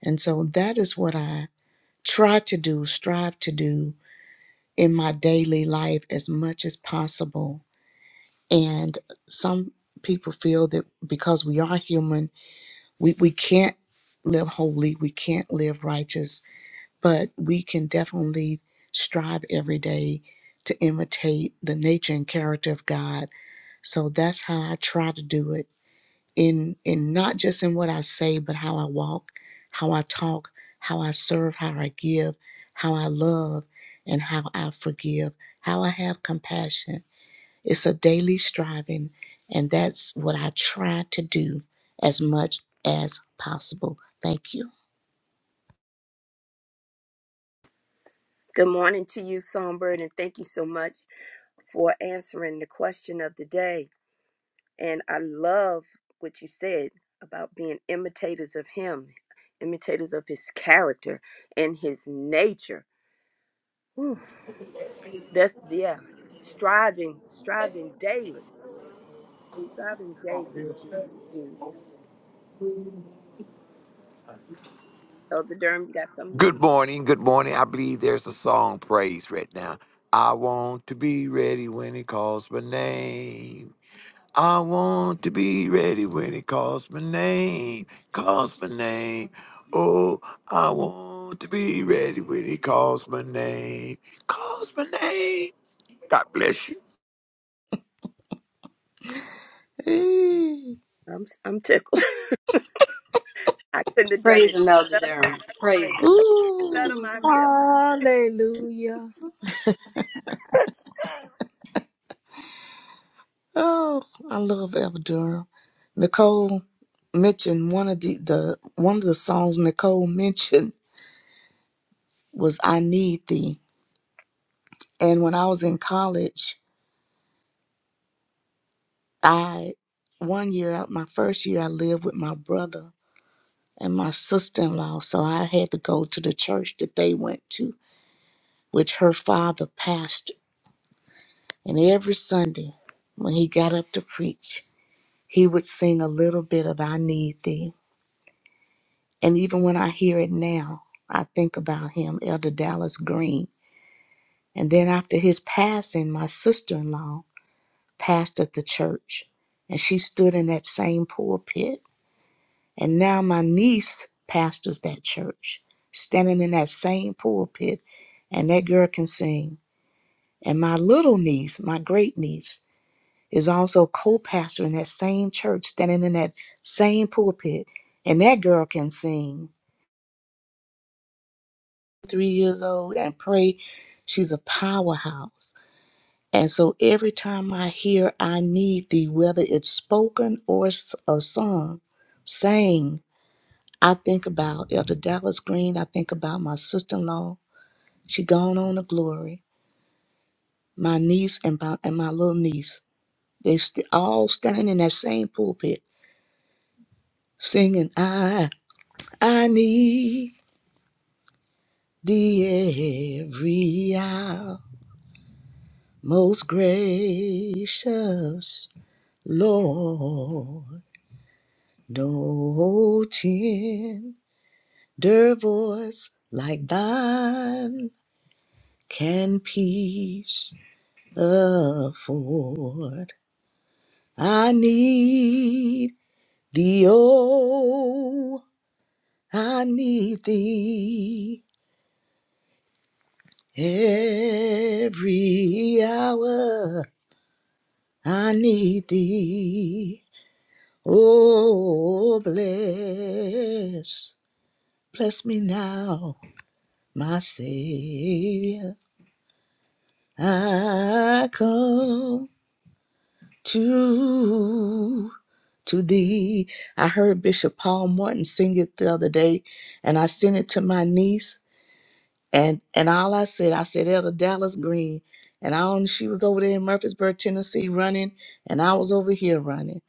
And so that is what I try to do, strive to do in my daily life as much as possible. And some people feel that because we are human, we, we can't live holy, we can't live righteous but we can definitely strive every day to imitate the nature and character of God. So that's how I try to do it in in not just in what I say, but how I walk, how I talk, how I serve, how I give, how I love, and how I forgive, how I have compassion. It's a daily striving, and that's what I try to do as much as possible. Thank you.
Good morning to you, Songbird, and thank you so much for answering the question of the day. And I love what you said about being imitators of Him, imitators of His character and His nature. Whew. That's yeah, striving, striving daily, striving daily to to Elder Durham. You got something you
Good
want to
morning, good morning. I believe there's a song praise right now. I want to be ready when he calls my name. I want to be ready when he calls my name. Calls my name. Oh, I want to be ready when he calls my name. Calls my name. God bless you.
Ooh.
say? I'm I'm tickled. I couldn't have done
Praise
it
him, Elder
better,
Durham. Praise him.
better
Ooh.
myself.
Oh, I love Eva Durham. Nicole mentioned one of the, the one of the songs Nicole mentioned was "I Need Thee." And when I was in college, I one year, my first year, I lived with my brother and my sister-in-law, so I had to go to the church that they went to, which her father pastored. And every Sunday, when he got up to preach, he would sing a little bit of "I Need Thee." And even when I hear it now, I think about him, Elder Dallas Green. And then after his passing, my sister in law pastored the church, and she stood in that same pulpit. And now my niece pastors that church, standing in that same pulpit, and that girl can sing. And my little niece, my great niece, is also co pastor in that same church, standing in that same pulpit, and that girl can sing three years old and pray. She's a powerhouse. And so every time I hear I need thee, whether it's spoken or s- a song, saying, I think about Elder Dallas Green. I think about my sister-in-law. She gone on to glory. My niece and my, and my little niece. They st- all standing in that same pulpit singing, I, I need thee every hour, most gracious Lord, no tender voice like thine can peace afford. I need thee, oh, I need thee every hour. I need thee, oh, bless, bless me now my Savior, I come to to thee. I heard Bishop Paul Morton sing it the other day, and I sent it to my niece, and and all I said, I said Elder Dallas Green, and I don't, she was over there in Murfreesboro, Tennessee, running, and I was over here running.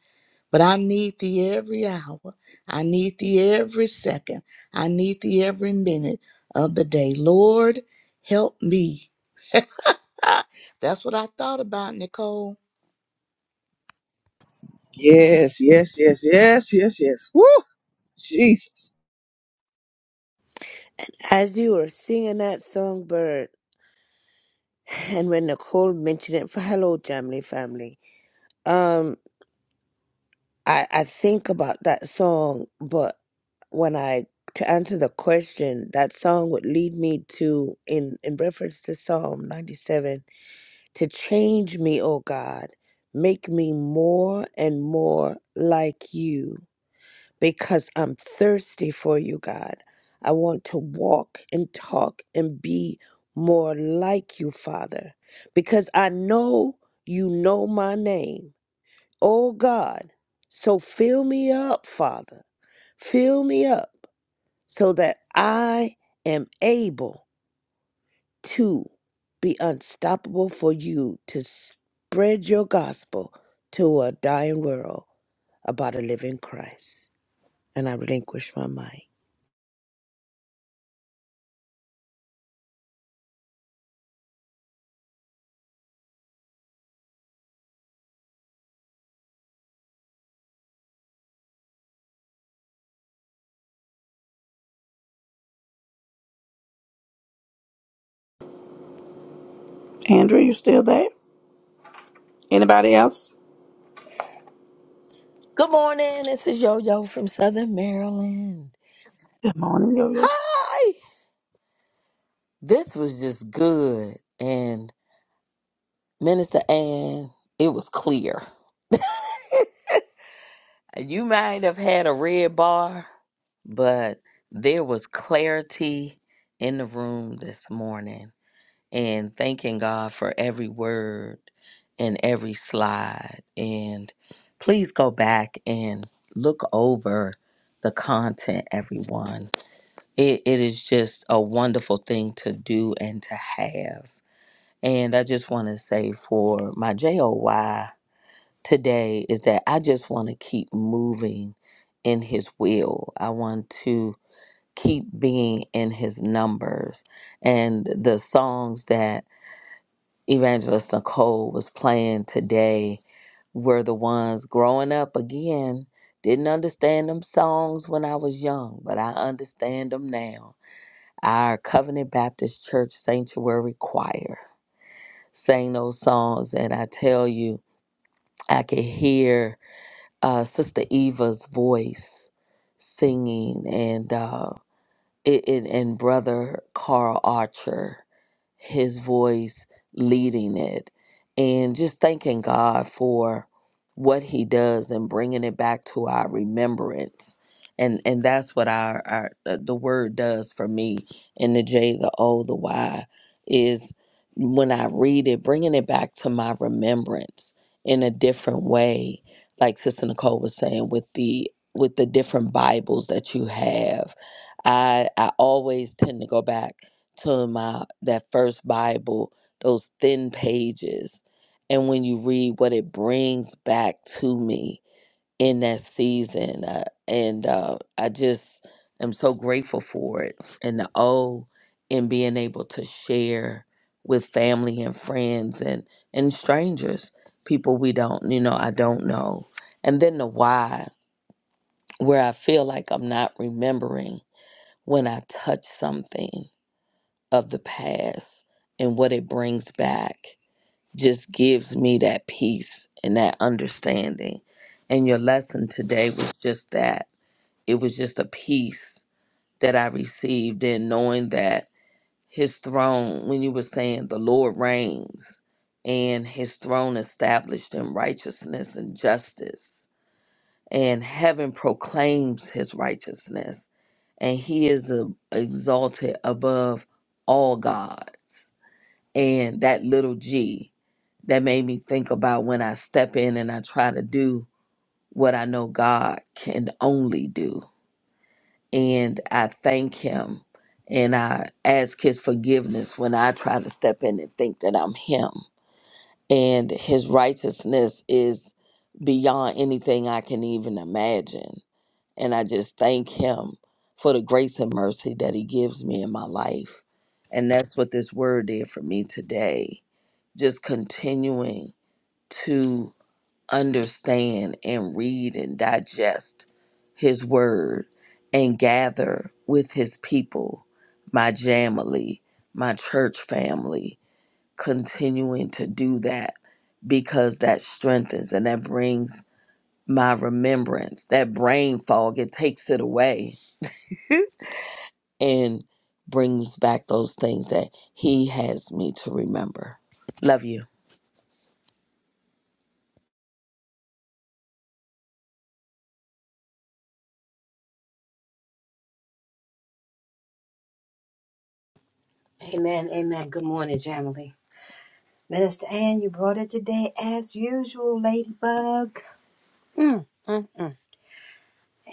But I need thee every hour. I need thee every second. I need thee every minute of the day. Lord, help me. That's what I thought about, Nicole.
Yes, yes, yes, yes, yes, yes. Woo! Jesus.
As you were singing that song, Bird, and when Nicole mentioned it for Hello Jamley Family, um, I, I think about that song, but when I to answer the question, that song would lead me to in in reference to Psalm ninety seven to change me, O God, make me more and more like you. because I'm thirsty for you, God. I want to walk and talk and be more like you, Father, because I know you know my name. Oh God, so fill me up, Father. Fill me up so that I am able to be unstoppable for you to spread your gospel to a dying world about a living Christ. And I relinquish my mind.
Andrew, you still there? Anybody else?
Good morning. This is Yo Yo from Southern Maryland.
Good morning, yo yo.
Hi. This was just good. And Minister Ann, it was clear. You might have had a red bar but there was clarity in the room this morning and thanking God for every word and every slide. And please go back and look over the content, everyone. It, it is just a wonderful thing to do and to have. And I just want to say for my JOY today is that I just want to keep moving in his will. I want to keep being in his numbers. And the songs that Evangelist Nicole was playing today were the ones growing up again. Didn't understand them songs when I was young, but I understand them now. Our Covenant Baptist Church Sanctuary Choir sang those songs, and I tell you, I could hear uh, Sister Eva's voice singing, and uh, it, and, and brother Carl Archer, his voice leading it, and just thanking God for what he does and bringing it back to our remembrance. And, and that's what our, our uh, the word does for me and the J, the O, the Y is when I read it, bringing it back to my remembrance in a different way. Like Sister Nicole was saying, with the with the different Bibles that you have, I I always tend to go back to my that first Bible, those thin pages, and when you read what it brings back to me in that season, uh, and uh, I just am so grateful for it. And the O in being able to share with family and friends and and strangers, people we don't you know I don't know, and then the why where I feel like I'm not remembering when I touch something of the past and what it brings back just gives me that peace and that understanding. And your lesson today was just that. It was just a peace that I received in knowing that his throne, when you were saying the Lord reigns and his throne established in righteousness and justice, and heaven proclaims his righteousness and he is a, exalted above all gods. And that little g that made me think about when I step in and I try to do what I know God can only do. And I thank him and I ask his forgiveness when I try to step in and think that I'm him. And his righteousness is beyond anything I can even imagine and I just thank Him for the grace and mercy that He gives me in my life. And that's what this word did for me today. Just continuing to understand and read and digest His word and gather with His people, my family, my church family, continuing to do that because that strengthens and that brings my remembrance, that brain fog, it takes it away and brings back those things that he has me to remember. Love you.
Amen, amen. Good morning, Jamily. Minister Ann, you brought it today as usual, Ladybug. Mm, mm, mm.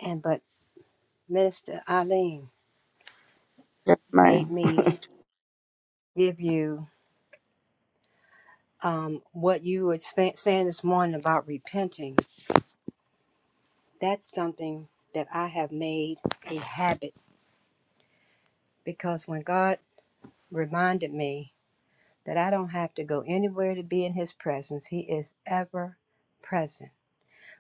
And but Minister Eileen
Yes,
made
ma'am.
me give you um, what you were spa- saying this morning about repenting. That's something that I have made a habit because when God reminded me that I don't have to go anywhere to be in His presence, He is ever present.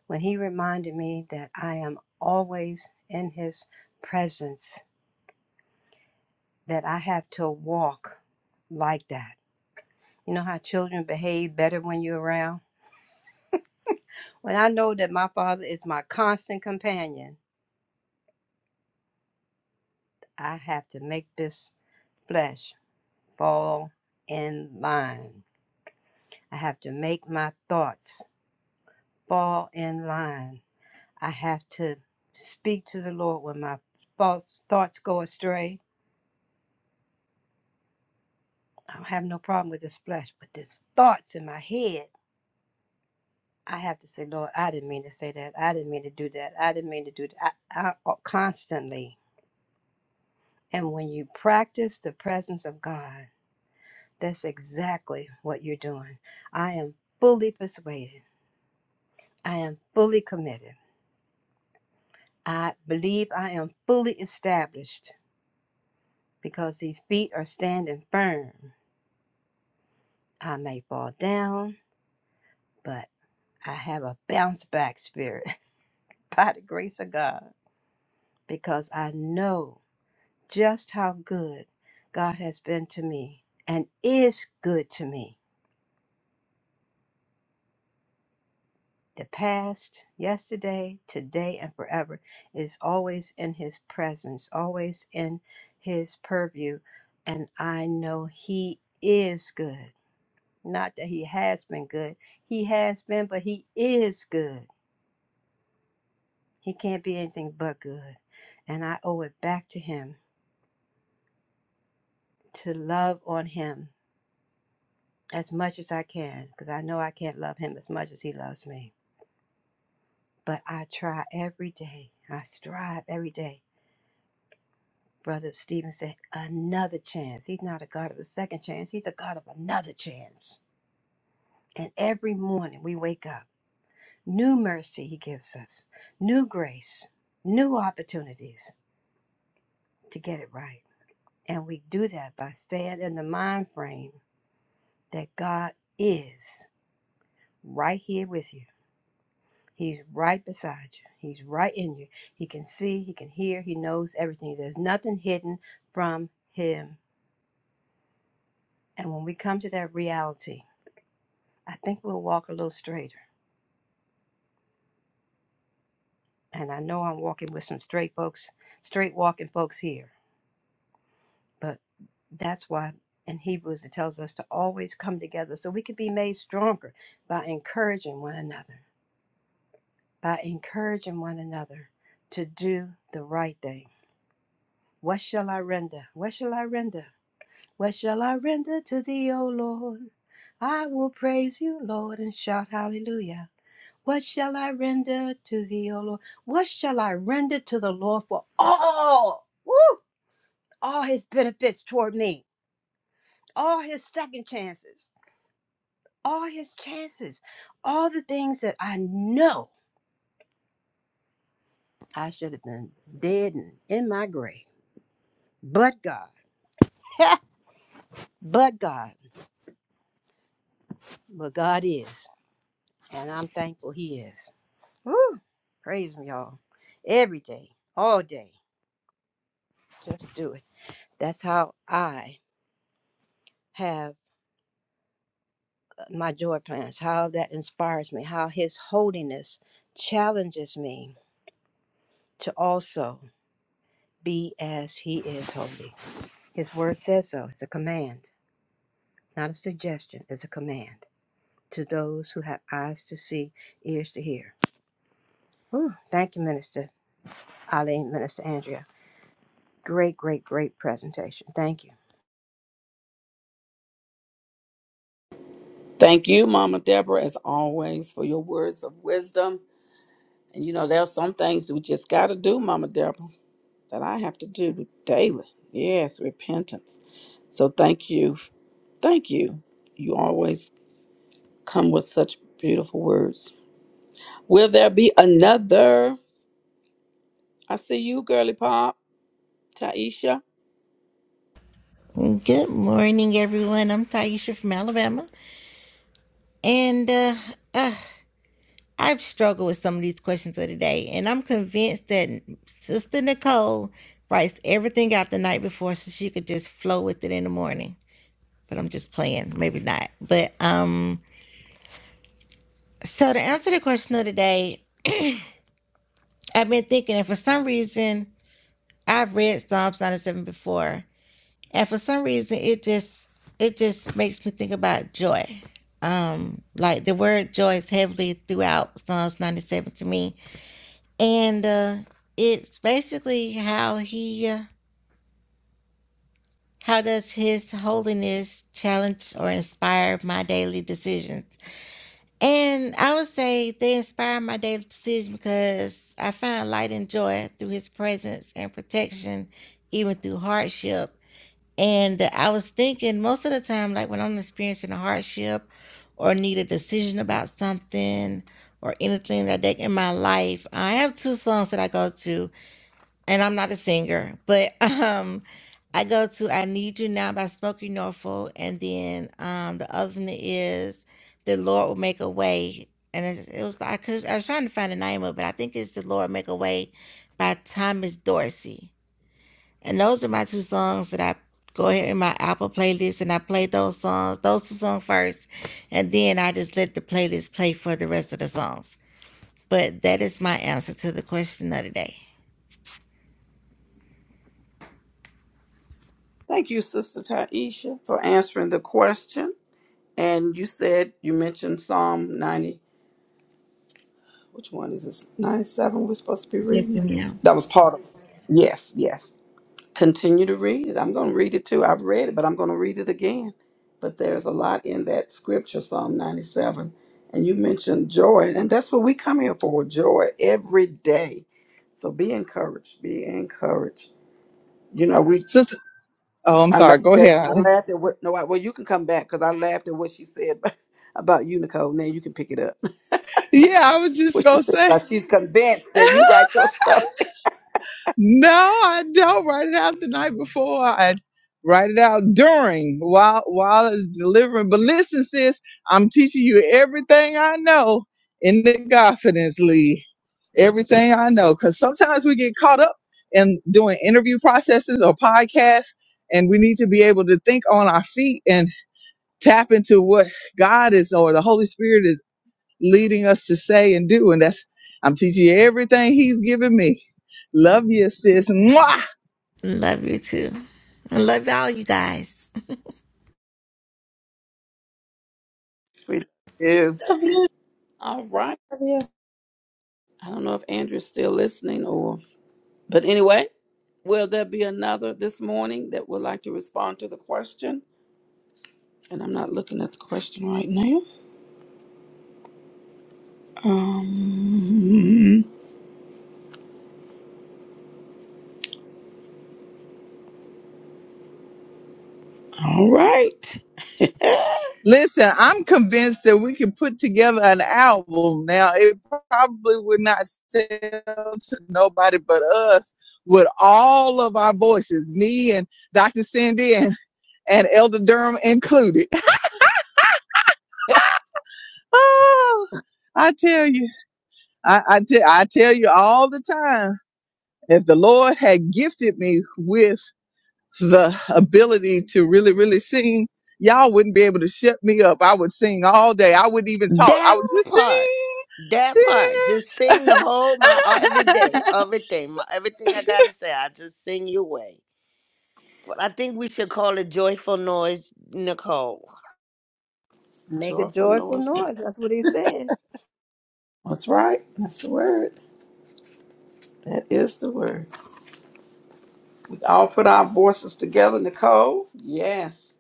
when he reminded me that I am always in his presence, that I have to walk like that. You know how children behave better when you're around? When I know that my father is my constant companion, I have to make this flesh fall in line. I have to make my thoughts fall in line. I have to speak to the Lord when my false thoughts go astray. I don't have no problem with this flesh, but these thoughts in my head, I have to say, Lord, I didn't mean to say that. I didn't mean to do that. I didn't mean to do that. I, I, uh, constantly. And when you practice the presence of God, that's exactly what you're doing. I am fully persuaded. I am fully committed. I believe I am fully established because these feet are standing firm. I may fall down, but I have a bounce back spirit by the grace of God. because I know just how good God has been to me and is good to me. The past, yesterday, today, and forever is always in His presence, always in His purview. And I know He is good. Not that He has been good, He has been, but He is good. He can't be anything but good. And I owe it back to Him to love on Him as much as I can because I know I can't love him as much as he loves me. But I try every day. I strive every day. Brother Stephen said, another chance. He's not a God of a second chance. He's a God of another chance. And every morning we wake up, new mercy he gives us, new grace, new opportunities to get it right. And we do that by staying in the mind frame that God is right here with you. He's right beside you. He's right in you. He can see, he can hear, he knows everything. There's nothing hidden from him. And when we come to that reality, I think we'll walk a little straighter. And I know I'm walking with some straight folks, straight walking folks here. But that's why in Hebrews it tells us to always come together so we can be made stronger by encouraging one another, by encouraging one another to do the right thing. What shall I render? What shall I render? What shall I render to thee, O Lord? I will praise you, Lord, and shout hallelujah. What shall I render to thee, O Lord? What shall I render to the Lord for all, woo, all his benefits toward me, all his second chances, all his chances, all the things that I know I should have been dead and in my grave. But God, but God, but God is, and I'm thankful He is. Woo! Praise him, y'all. Every day, all day. Just do it. That's how I have uh, my joy plans, how that inspires me, how his holiness challenges me to also be as he is holy. His word says so. It's a command, not a suggestion. It's a command to those who have eyes to see, ears to hear. Woo. Thank you, Minister Ali, Minister Andrea. Great, great, great presentation. Thank you.
Thank you, Mama Deborah, as always, for your words of wisdom. And you know, there are some things we just got to do, Mama Deborah, that I have to do daily. Yes, repentance. So thank you. Thank you. You always come with such beautiful words. Will there be another? I see you, girly pop, Taisha.
Good morning, everyone. I'm Taisha from Alabama, and uh, I've struggled with some of these questions of the day, and I'm convinced that Sister Nicole writes everything out the night before so she could just flow with it in the morning. But I'm just playing, maybe not. But um, so to answer the question of the day, I've been thinking, and for some reason, I've read Psalms 97 before, and for some reason it just it just makes me think about joy um like the word joy is heavily throughout psalms 97 to me and uh it's basically how he uh, how does his holiness challenge or inspire my daily decisions and i would say they inspire my daily decision because i find light and joy through his presence and protection even through hardship And I was thinking most of the time, like when I'm experiencing a hardship or need a decision about something or anything like that in my life, I have two songs that I go to, and I'm not a singer, but um, I go to I Need You Now by Smokey Norfolk, and then um, the other one is The Lord Will Make a Way. And it's, it was I, could, I was trying to find the name of it. I think it's The Lord Make a Way by Thomas Dorsey and those are my two songs that I go ahead in my Apple playlist and I play those songs, those two songs first, and then I just let the playlist play for the rest of the songs. But that is my answer to the question of the day.
Thank you, Sister Taisha, for answering the question. And you said you mentioned Psalm 90. Which one is this? 97 we're supposed to be
Yes,
reading?
ma'am.
That was part of it. Yes, yes. Continue to read it. I'm going to read it too. I've read it, but I'm going to read it again. But there's a lot in that scripture, Psalm 97. And you mentioned joy. And that's what we come here for joy every day. So be encouraged. Be encouraged. You know, we
Sister, oh, I'm
I
sorry.
laughed
Go ahead,
at I
Arlene.
laughed at what no I, well you can come back because I laughed at what she said about you Nicole. Now you can pick it up.
Yeah, I was just
What she
going to
said
say.
about she's convinced that you write your stuff.
No, I don't write it out the night before. I write it out during while while it's delivering. But listen, sis, I'm teaching you everything I know in the confidence lead. Everything I know. Cause sometimes we get caught up in doing interview processes or podcasts and we need to be able to think on our feet and tap into what God is or the Holy Spirit is leading us to say and do. And that's, I'm teaching you everything he's given me. Love you, sis. Mwah!
Love you too. I love all you guys.
We do.
Love you.
All right.
Love you.
I don't know if Andrew's still listening or but anyway, will there be another this morning that would like to respond to the question? And I'm not looking at the question right now. Um all right.
Listen, I'm convinced that we could put together an album. Now, it probably would not sell to nobody but us with all of our voices, me and Dr. Cindy and, and Elder Durham included. Oh, I tell you, I, I, te- I tell you all the time, if the Lord had gifted me with the ability to really, really sing, y'all wouldn't be able to shut me up. I would sing all day. I wouldn't even talk. I
That
would just
part.
sing,
That part. Just
sing.
sing the whole my uh, every day, everything, my, everything I gotta say. I just sing your way. But I think we should call it joyful noise, Nicole.
Make a
Joyful
joyful
noise. Nicole.
noise. That's what he said.
That's right. That's the word. That is the word. All put our voices together, Nicole. Yes.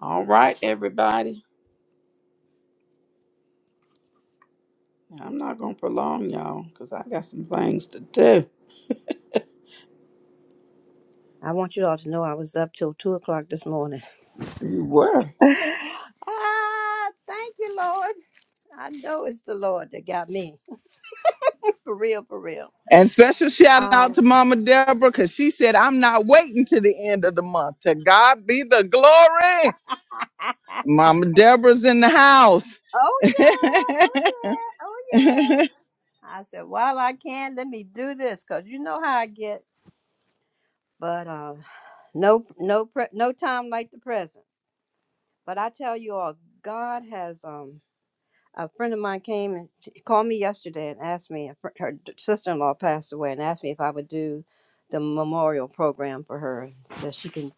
All right, everybody. I'm not gonna prolong y'all because I got some things to do.
I want you all to know I was up till two o'clock this morning.
You were.
ah, thank you, Lord. I know it's the Lord that got me. for real, for real.
And special shout out
Um
to Mama Deborah because she said, I'm not waiting to the end of the month. To God be the glory. Mama Deborah's in the house.
Oh yeah, oh yeah, oh yeah. I said, while I can, let me do this, cause you know how I get. But uh, no, no, pre- no time like the present. But I tell you all, God has um a friend of mine came and she called me yesterday and asked me if her her d- sister-in-law passed away and asked me if I would do the memorial program for her that she can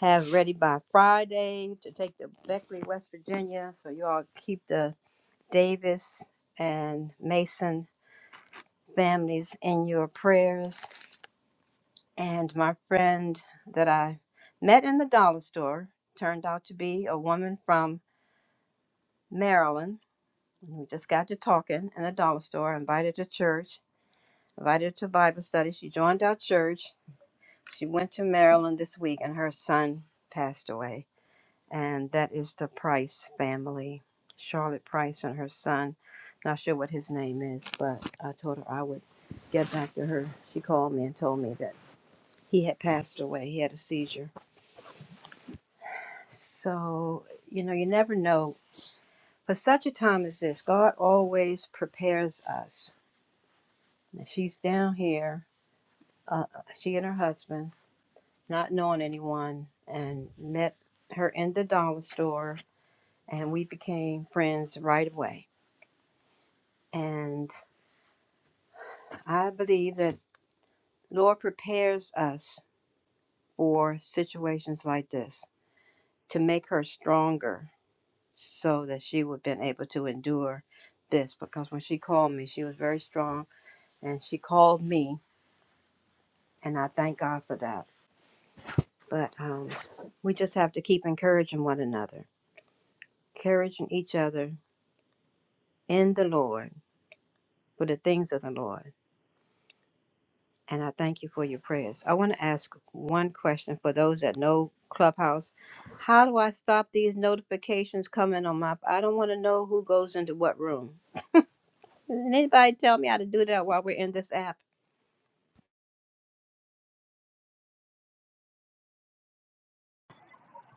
have ready by Friday to take to Beckley, West Virginia. So you all keep the Davis and Mason families in your prayers. And my friend that I met in the dollar store turned out to be a woman from Maryland. We just got to talking in the dollar store, invited to church invited her to Bible study. She joined our church. She went to Maryland this week, and her son passed away. And that is the Price family, Charlotte Price and her son. Not sure what his name is, but I told her I would get back to her. She called me and told me that he had passed away. He had a seizure. So, you know, you never know. For such a time as this, God always prepares us. And She's down here, uh, she and her husband not knowing anyone, and met her in the dollar store, and we became friends right away. And I believe that Lord prepares us for situations like this to make her stronger so that she would have been able to endure this because when she called me she was very strong and she called me and i thank god for that but um, we just have to keep encouraging one another encouraging each other in the lord for the things of the Lord. And I thank you for your prayers. I want to ask one question for those that know Clubhouse. How do I stop these notifications coming on my I don't want to know who goes into what room. Can anybody tell me how to do that while we're in this app?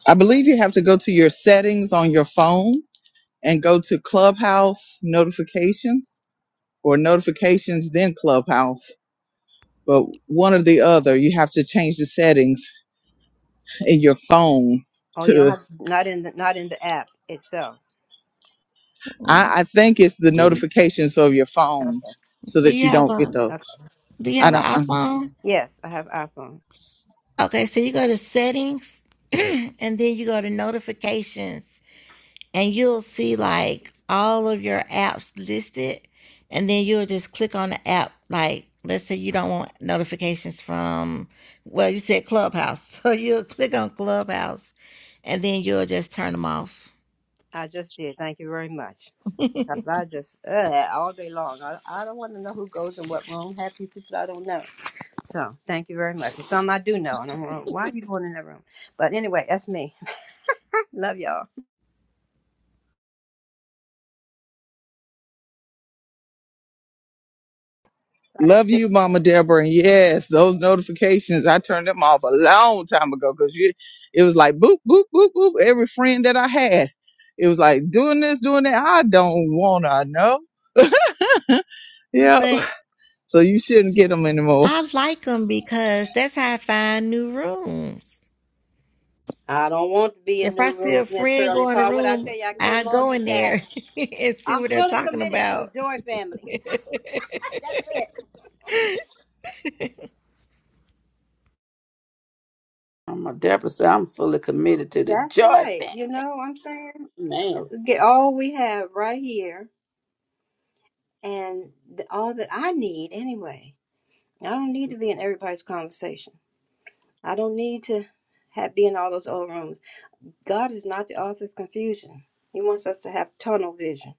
I believe you have to go to your settings on your phone and go to Clubhouse notifications or notifications, then Clubhouse. but one or the other. You have to change the settings in your phone
Oh, you don't
to.
have not in the not in the app itself.
I, I think it's the
Do,
notifications of your phone
Okay.
so
do
that
you
you
have
don't get
a
those.
Okay.
do you
I
have
don't.
an
Um,
iPhone?
Yes, I have iPhone.
Okay, so you go to settings and then you go to notifications and you'll see like all of your apps listed and then you'll just click on the app like let's say you don't want notifications from well you said clubhouse so you'll click on clubhouse and then you'll just turn them off
I just did. Thank you very much. I I just uh, all day long. I, I don't want to know who goes in what room. Happy people I don't know. So thank you very much. It's something I do know, and I'm like, why are you going in that room? But anyway, that's me. Love y'all.
Thank
Love
you.
you, Mama Deborah. And yes, those notifications, I turned them off a long time ago because it was like boop, boop, boop, boop. Every friend that I had, it was like doing this, doing that. I don't want to know. Yep.
but
So you shouldn't get them anymore.
i like them because that's how i find new rooms
I don't want to be a
if i
new
see
room,
a
Miss
friend
Shirley
go in a
Paul. What I
room
tell you, I can't
i go in there
multitask.
and see
I'm
what they're
fully
talking
committed to
about
the Joy family. that's it.
I'm Deborah said I'm fully committed to the
That's
joy
right.
family.
You know, what I'm saying
Man.
get all we have right here, and the, all that I need anyway. I don't need to be in everybody's conversation. I don't need to have be in all those old rooms. God is not the author of confusion. He wants us to have tunnel vision.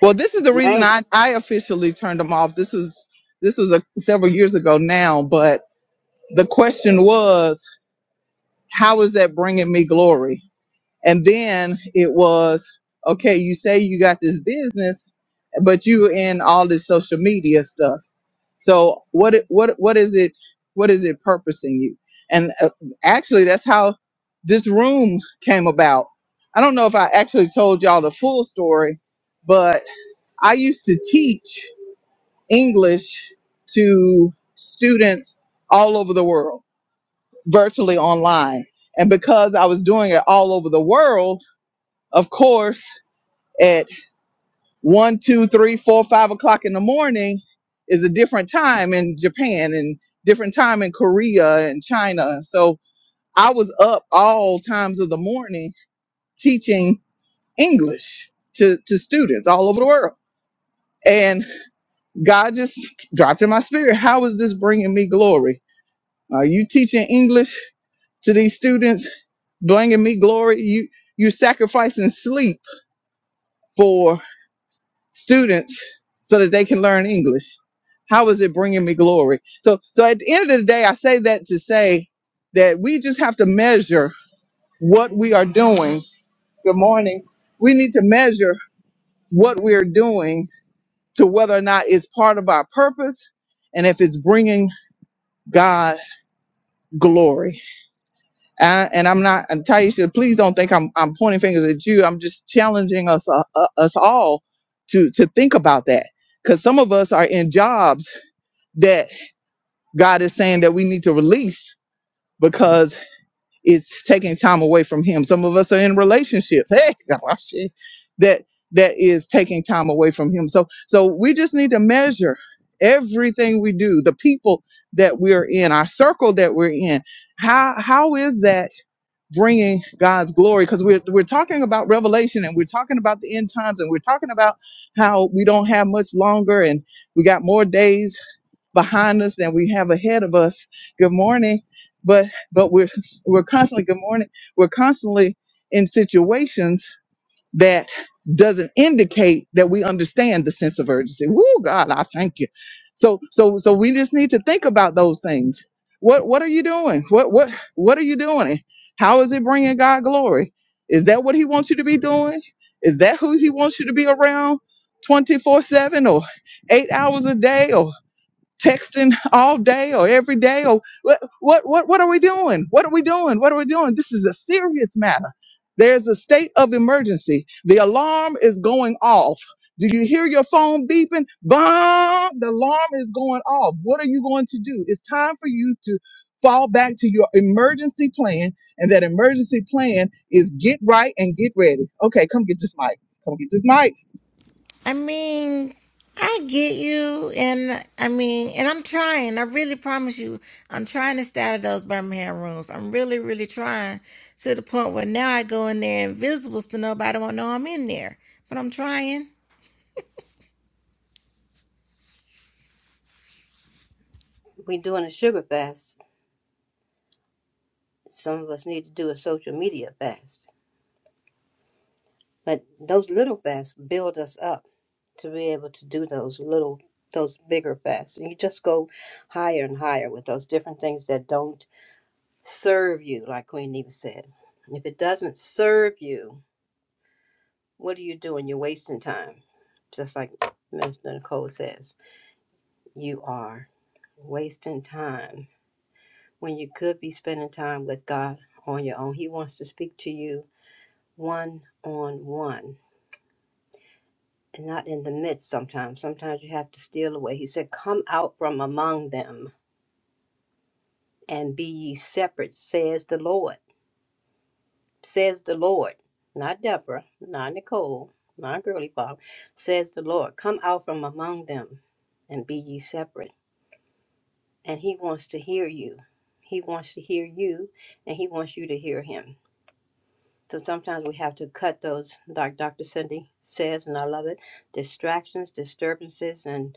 Well, this is the reason
Amen.
I, I officially turned them off. This was this was a, several years ago now, but the question was, how is that bringing me glory? And then it was, okay, you say you got this business, but you in all this social media stuff. So what it- what what is it what is it purposing you? And uh, actually that's how this room came about. I don't know if I actually told y'all the full story, but I used to teach English to students all over the world, virtually online. And because I was doing it all over the world, of course, at one, two, three, four, five o'clock in the morning is a different time in Japan and different time in Korea and China. So I was up all times of the morning teaching English to, to students all over the world. And God just dropped in my spirit, how is this bringing me glory? Are you teaching English to these students, bringing me glory? You, you're sacrificing sleep for. students so that they can learn English? How is it bringing me glory? So, so at the end of the day, I say that to say that we just have to measure what we are doing. Good morning. We need to measure what we are doing to whether or not it's part of our purpose and if it's bringing God glory. And, and I'm not, and Taisha, please don't think I'm, I'm pointing fingers at you. I'm just challenging us, uh, uh, us all to, to think about that because some of us are in jobs that God is saying that we need to release because it's taking time away from Him. Some of us are in relationships. Hey, oh, shit, that that is taking time away from Him. So so we just need to measure everything we do, the people that we're in, our circle that we're in. How how is that bringing God's glory? Because we're we're talking about revelation and we're talking about the end times and we're talking about how we don't have much longer and we got more days behind us and we have ahead of us. Good morning. But but we're we're constantly good morning. We're constantly in situations that doesn't indicate that we understand the sense of urgency. Woo God, I thank you. So so so we just need to think about those things. What what are you doing? What what what are you doing? How is it bringing God glory? Is that what he wants you to be doing? Is that who he wants you to be around 24/7 or 8 hours a day or texting all day or every day or what what what what are we doing? What are we doing? What are we doing? This is a serious matter. There's a state of emergency. The alarm is going off. Do you hear your phone beeping? Bomb! The alarm is going off. What are you going to do? It's time for you to fall back to your emergency plan. And that emergency plan is get right and get ready. Okay, come get this mic. Come get this mic
I mean, I get you, and I mean, and I'm trying. I really promise you, I'm trying to stay out of those Birmingham rooms. I'm really, really trying to the point where now I go in there invisible so nobody won't know I'm in there. But I'm trying.
We're doing a sugar fast. Some of us need to do a social media fast. But those little fasts build us up to be able to do those little, those bigger fasts. And you just go higher and higher with those different things that don't serve you, like Queen Neva said. If it doesn't serve you, what are you doing? You're wasting time. Just like Minister Nicole says, you are wasting time when you could be spending time with God on your own. He wants to speak to you one on one and not in the midst sometimes. Sometimes you have to steal away. He said, Come out from among them and be ye separate, says the Lord. Says the Lord. Not Deborah, not Nicole, not Girly Bob. Says the Lord, Come out from among them and be ye separate. And He wants to hear you. He wants to hear you and He wants you to hear Him. So sometimes we have to cut those, like Dr. Cindy says, and I love it. Distractions, disturbances, and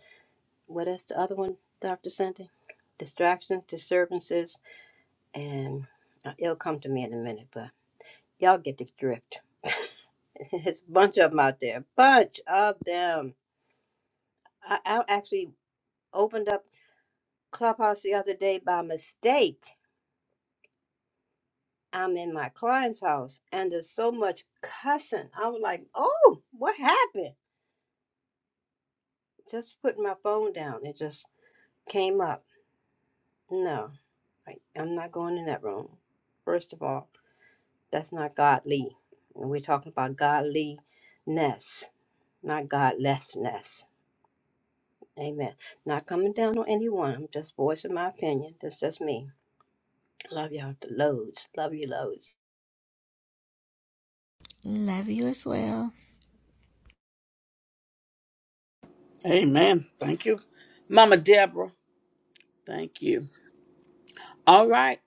what is the other one, Dr. Cindy? Distractions, disturbances, and uh, it'll come to me in a minute, but y'all get the drift. It's a bunch of them out there, bunch of them. I, I actually opened up Clubhouse the other day by mistake. I'm in my client's house, and there's so much cussing. I was like, oh, what happened? just putting my phone down and just came up. No, I, I'm not going in that room. First of all, that's not godly. And we're talking about godliness, not godlessness. Amen. Not coming down on anyone. I'm just voicing my opinion. That's just me. Love y'all to loads. Love you loads.
Love you as well.
Amen. Thank you. Mama Deborah. Thank you. All right.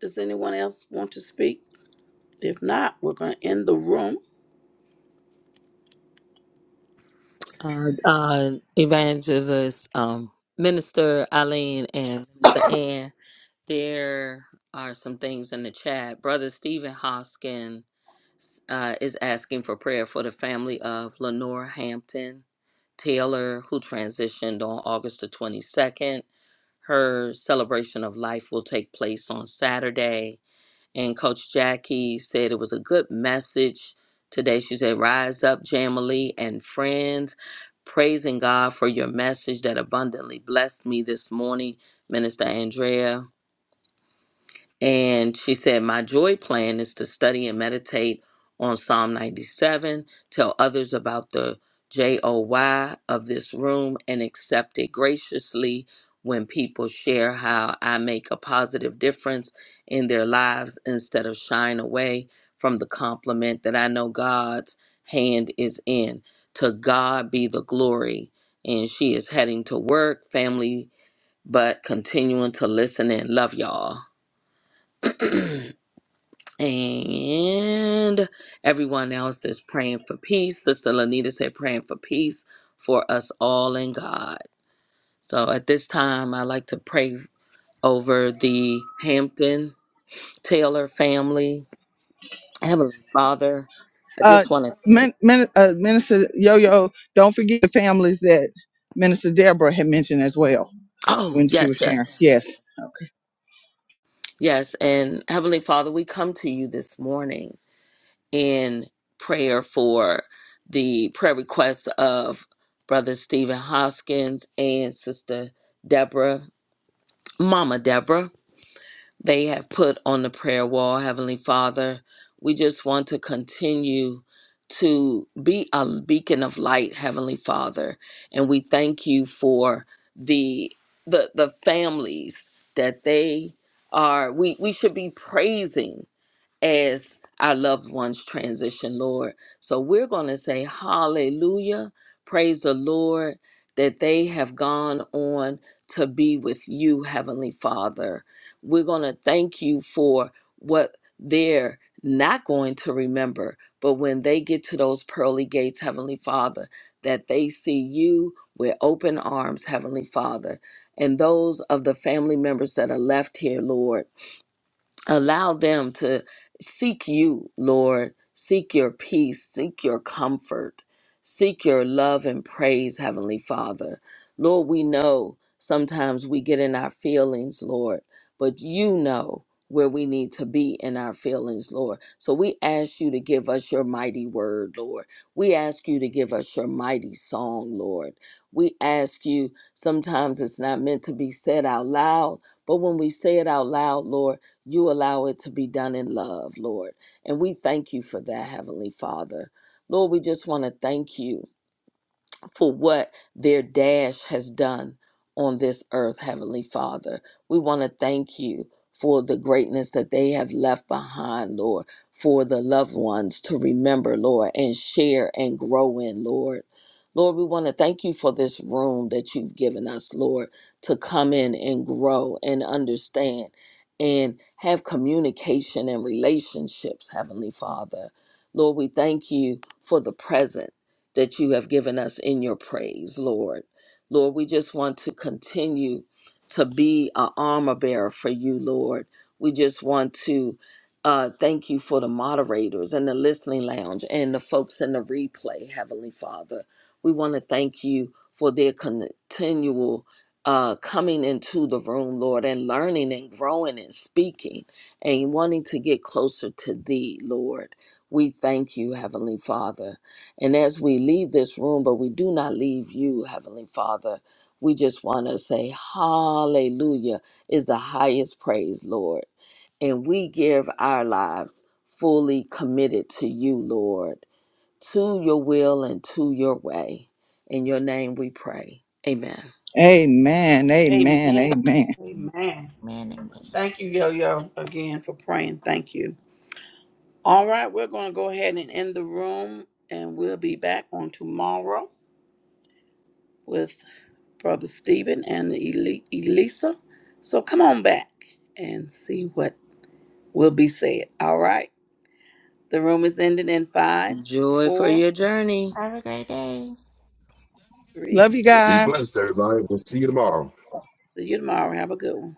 Does anyone else want to speak? If not, we're gonna end the room.
Uh, uh, evangelist, um, Minister Eileen and Minister Ann, there are some things in the chat. Brother Stephen Hoskin uh, is asking for prayer for the family of Lenore Hampton Taylor, who transitioned on August the 22nd. Her celebration of life will take place on Saturday. And Coach Jackie said it was a good message today. She said, Rise up, Jamily and friends. Praising God for your message that abundantly blessed me this morning, Minister Andrea. And she said, My joy plan is to study and meditate on Psalm 97, tell others about the J O Y of this room, and accept it graciously when people share how I make a positive difference in their lives instead of shying away from the compliment that I know God's hand is in. To God be the glory. And she is heading to work, family, but continuing to listen and love y'all. And everyone else is praying for peace. Sister Lanita said, praying for peace for us all in God. So at this time, I like to pray over the Hampton Taylor family. Heavenly Father, I
Uh,
just want to thank.
Min, Min, uh, Minister Yo Yo, don't forget the families that Minister Deborah had mentioned as well
Oh,
when she was
yes,
sharing.
yes,
Yes. Okay.
yes. And Heavenly Father, we come to you this morning in prayer for the prayer request of Brother Stephen Hoskins and Sister Deborah Mama Deborah. They have put on the prayer wall, Heavenly Father. We just want to continue to be a beacon of light, Heavenly Father. And we thank you for the the the families that they are we we should be praising as our loved ones transition, Lord. So we're going to say hallelujah. Praise the Lord that they have gone on to be with you, Heavenly Father. We're going to thank you for what they're not going to remember, but when they get to those pearly gates, Heavenly Father, that they see you with open arms, Heavenly Father, and those of the family members that are left here, Lord allow them to seek you, Lord. Seek your peace, seek your comfort, seek your love and praise, Heavenly Father. Lord, we know sometimes we get in our feelings, Lord, but you know where we need to be in our feelings, Lord. So we ask you to give us your mighty word, Lord. We ask you to give us your mighty song, Lord. We ask you, sometimes it's not meant to be said out loud, but when we say it out loud, Lord, you allow it to be done in love, Lord. And we thank you for that, Heavenly Father. Lord, we just want to thank you for what their dash has done on this earth, Heavenly Father. We want to thank you for the greatness that they have left behind, Lord, for the loved ones to remember, Lord, and share and grow in, Lord. Lord, we want to thank you for this room that you've given us, Lord, to come in and grow and understand and have communication and relationships, Heavenly Father. Lord, we thank you for the presence that you have given us in your praise, Lord. Lord, we just want to continue to be an armor bearer for you, Lord. We just want to uh, thank you for the moderators and the listening lounge and the folks in the replay, Heavenly Father. We want to thank you for their continual uh, coming into the room, Lord, and learning and growing and speaking and wanting to get closer to Thee, Lord. We thank you, Heavenly Father. And as we leave this room, but we do not leave you, Heavenly Father, we just want to say, Hallelujah is the highest praise, Lord. And we give our lives fully committed to you, Lord, to your will and to your way. In your name we pray. Amen.
Amen. Amen.
Amen.
Amen.
Amen.
Man,
Thank you, Yo Yo, again for praying. Thank you. All right, we're going to go ahead and end the room, and we'll be back on tomorrow with Brother Stephen and Eli- Elisa. So come on back and see what will be said. All right, the room is ending in five,
Joy for
four,
your journey.
have a great day.
three,
Love you
two.
Be
guys.
blessed. See you tomorrow.
See you tomorrow. Have a good one.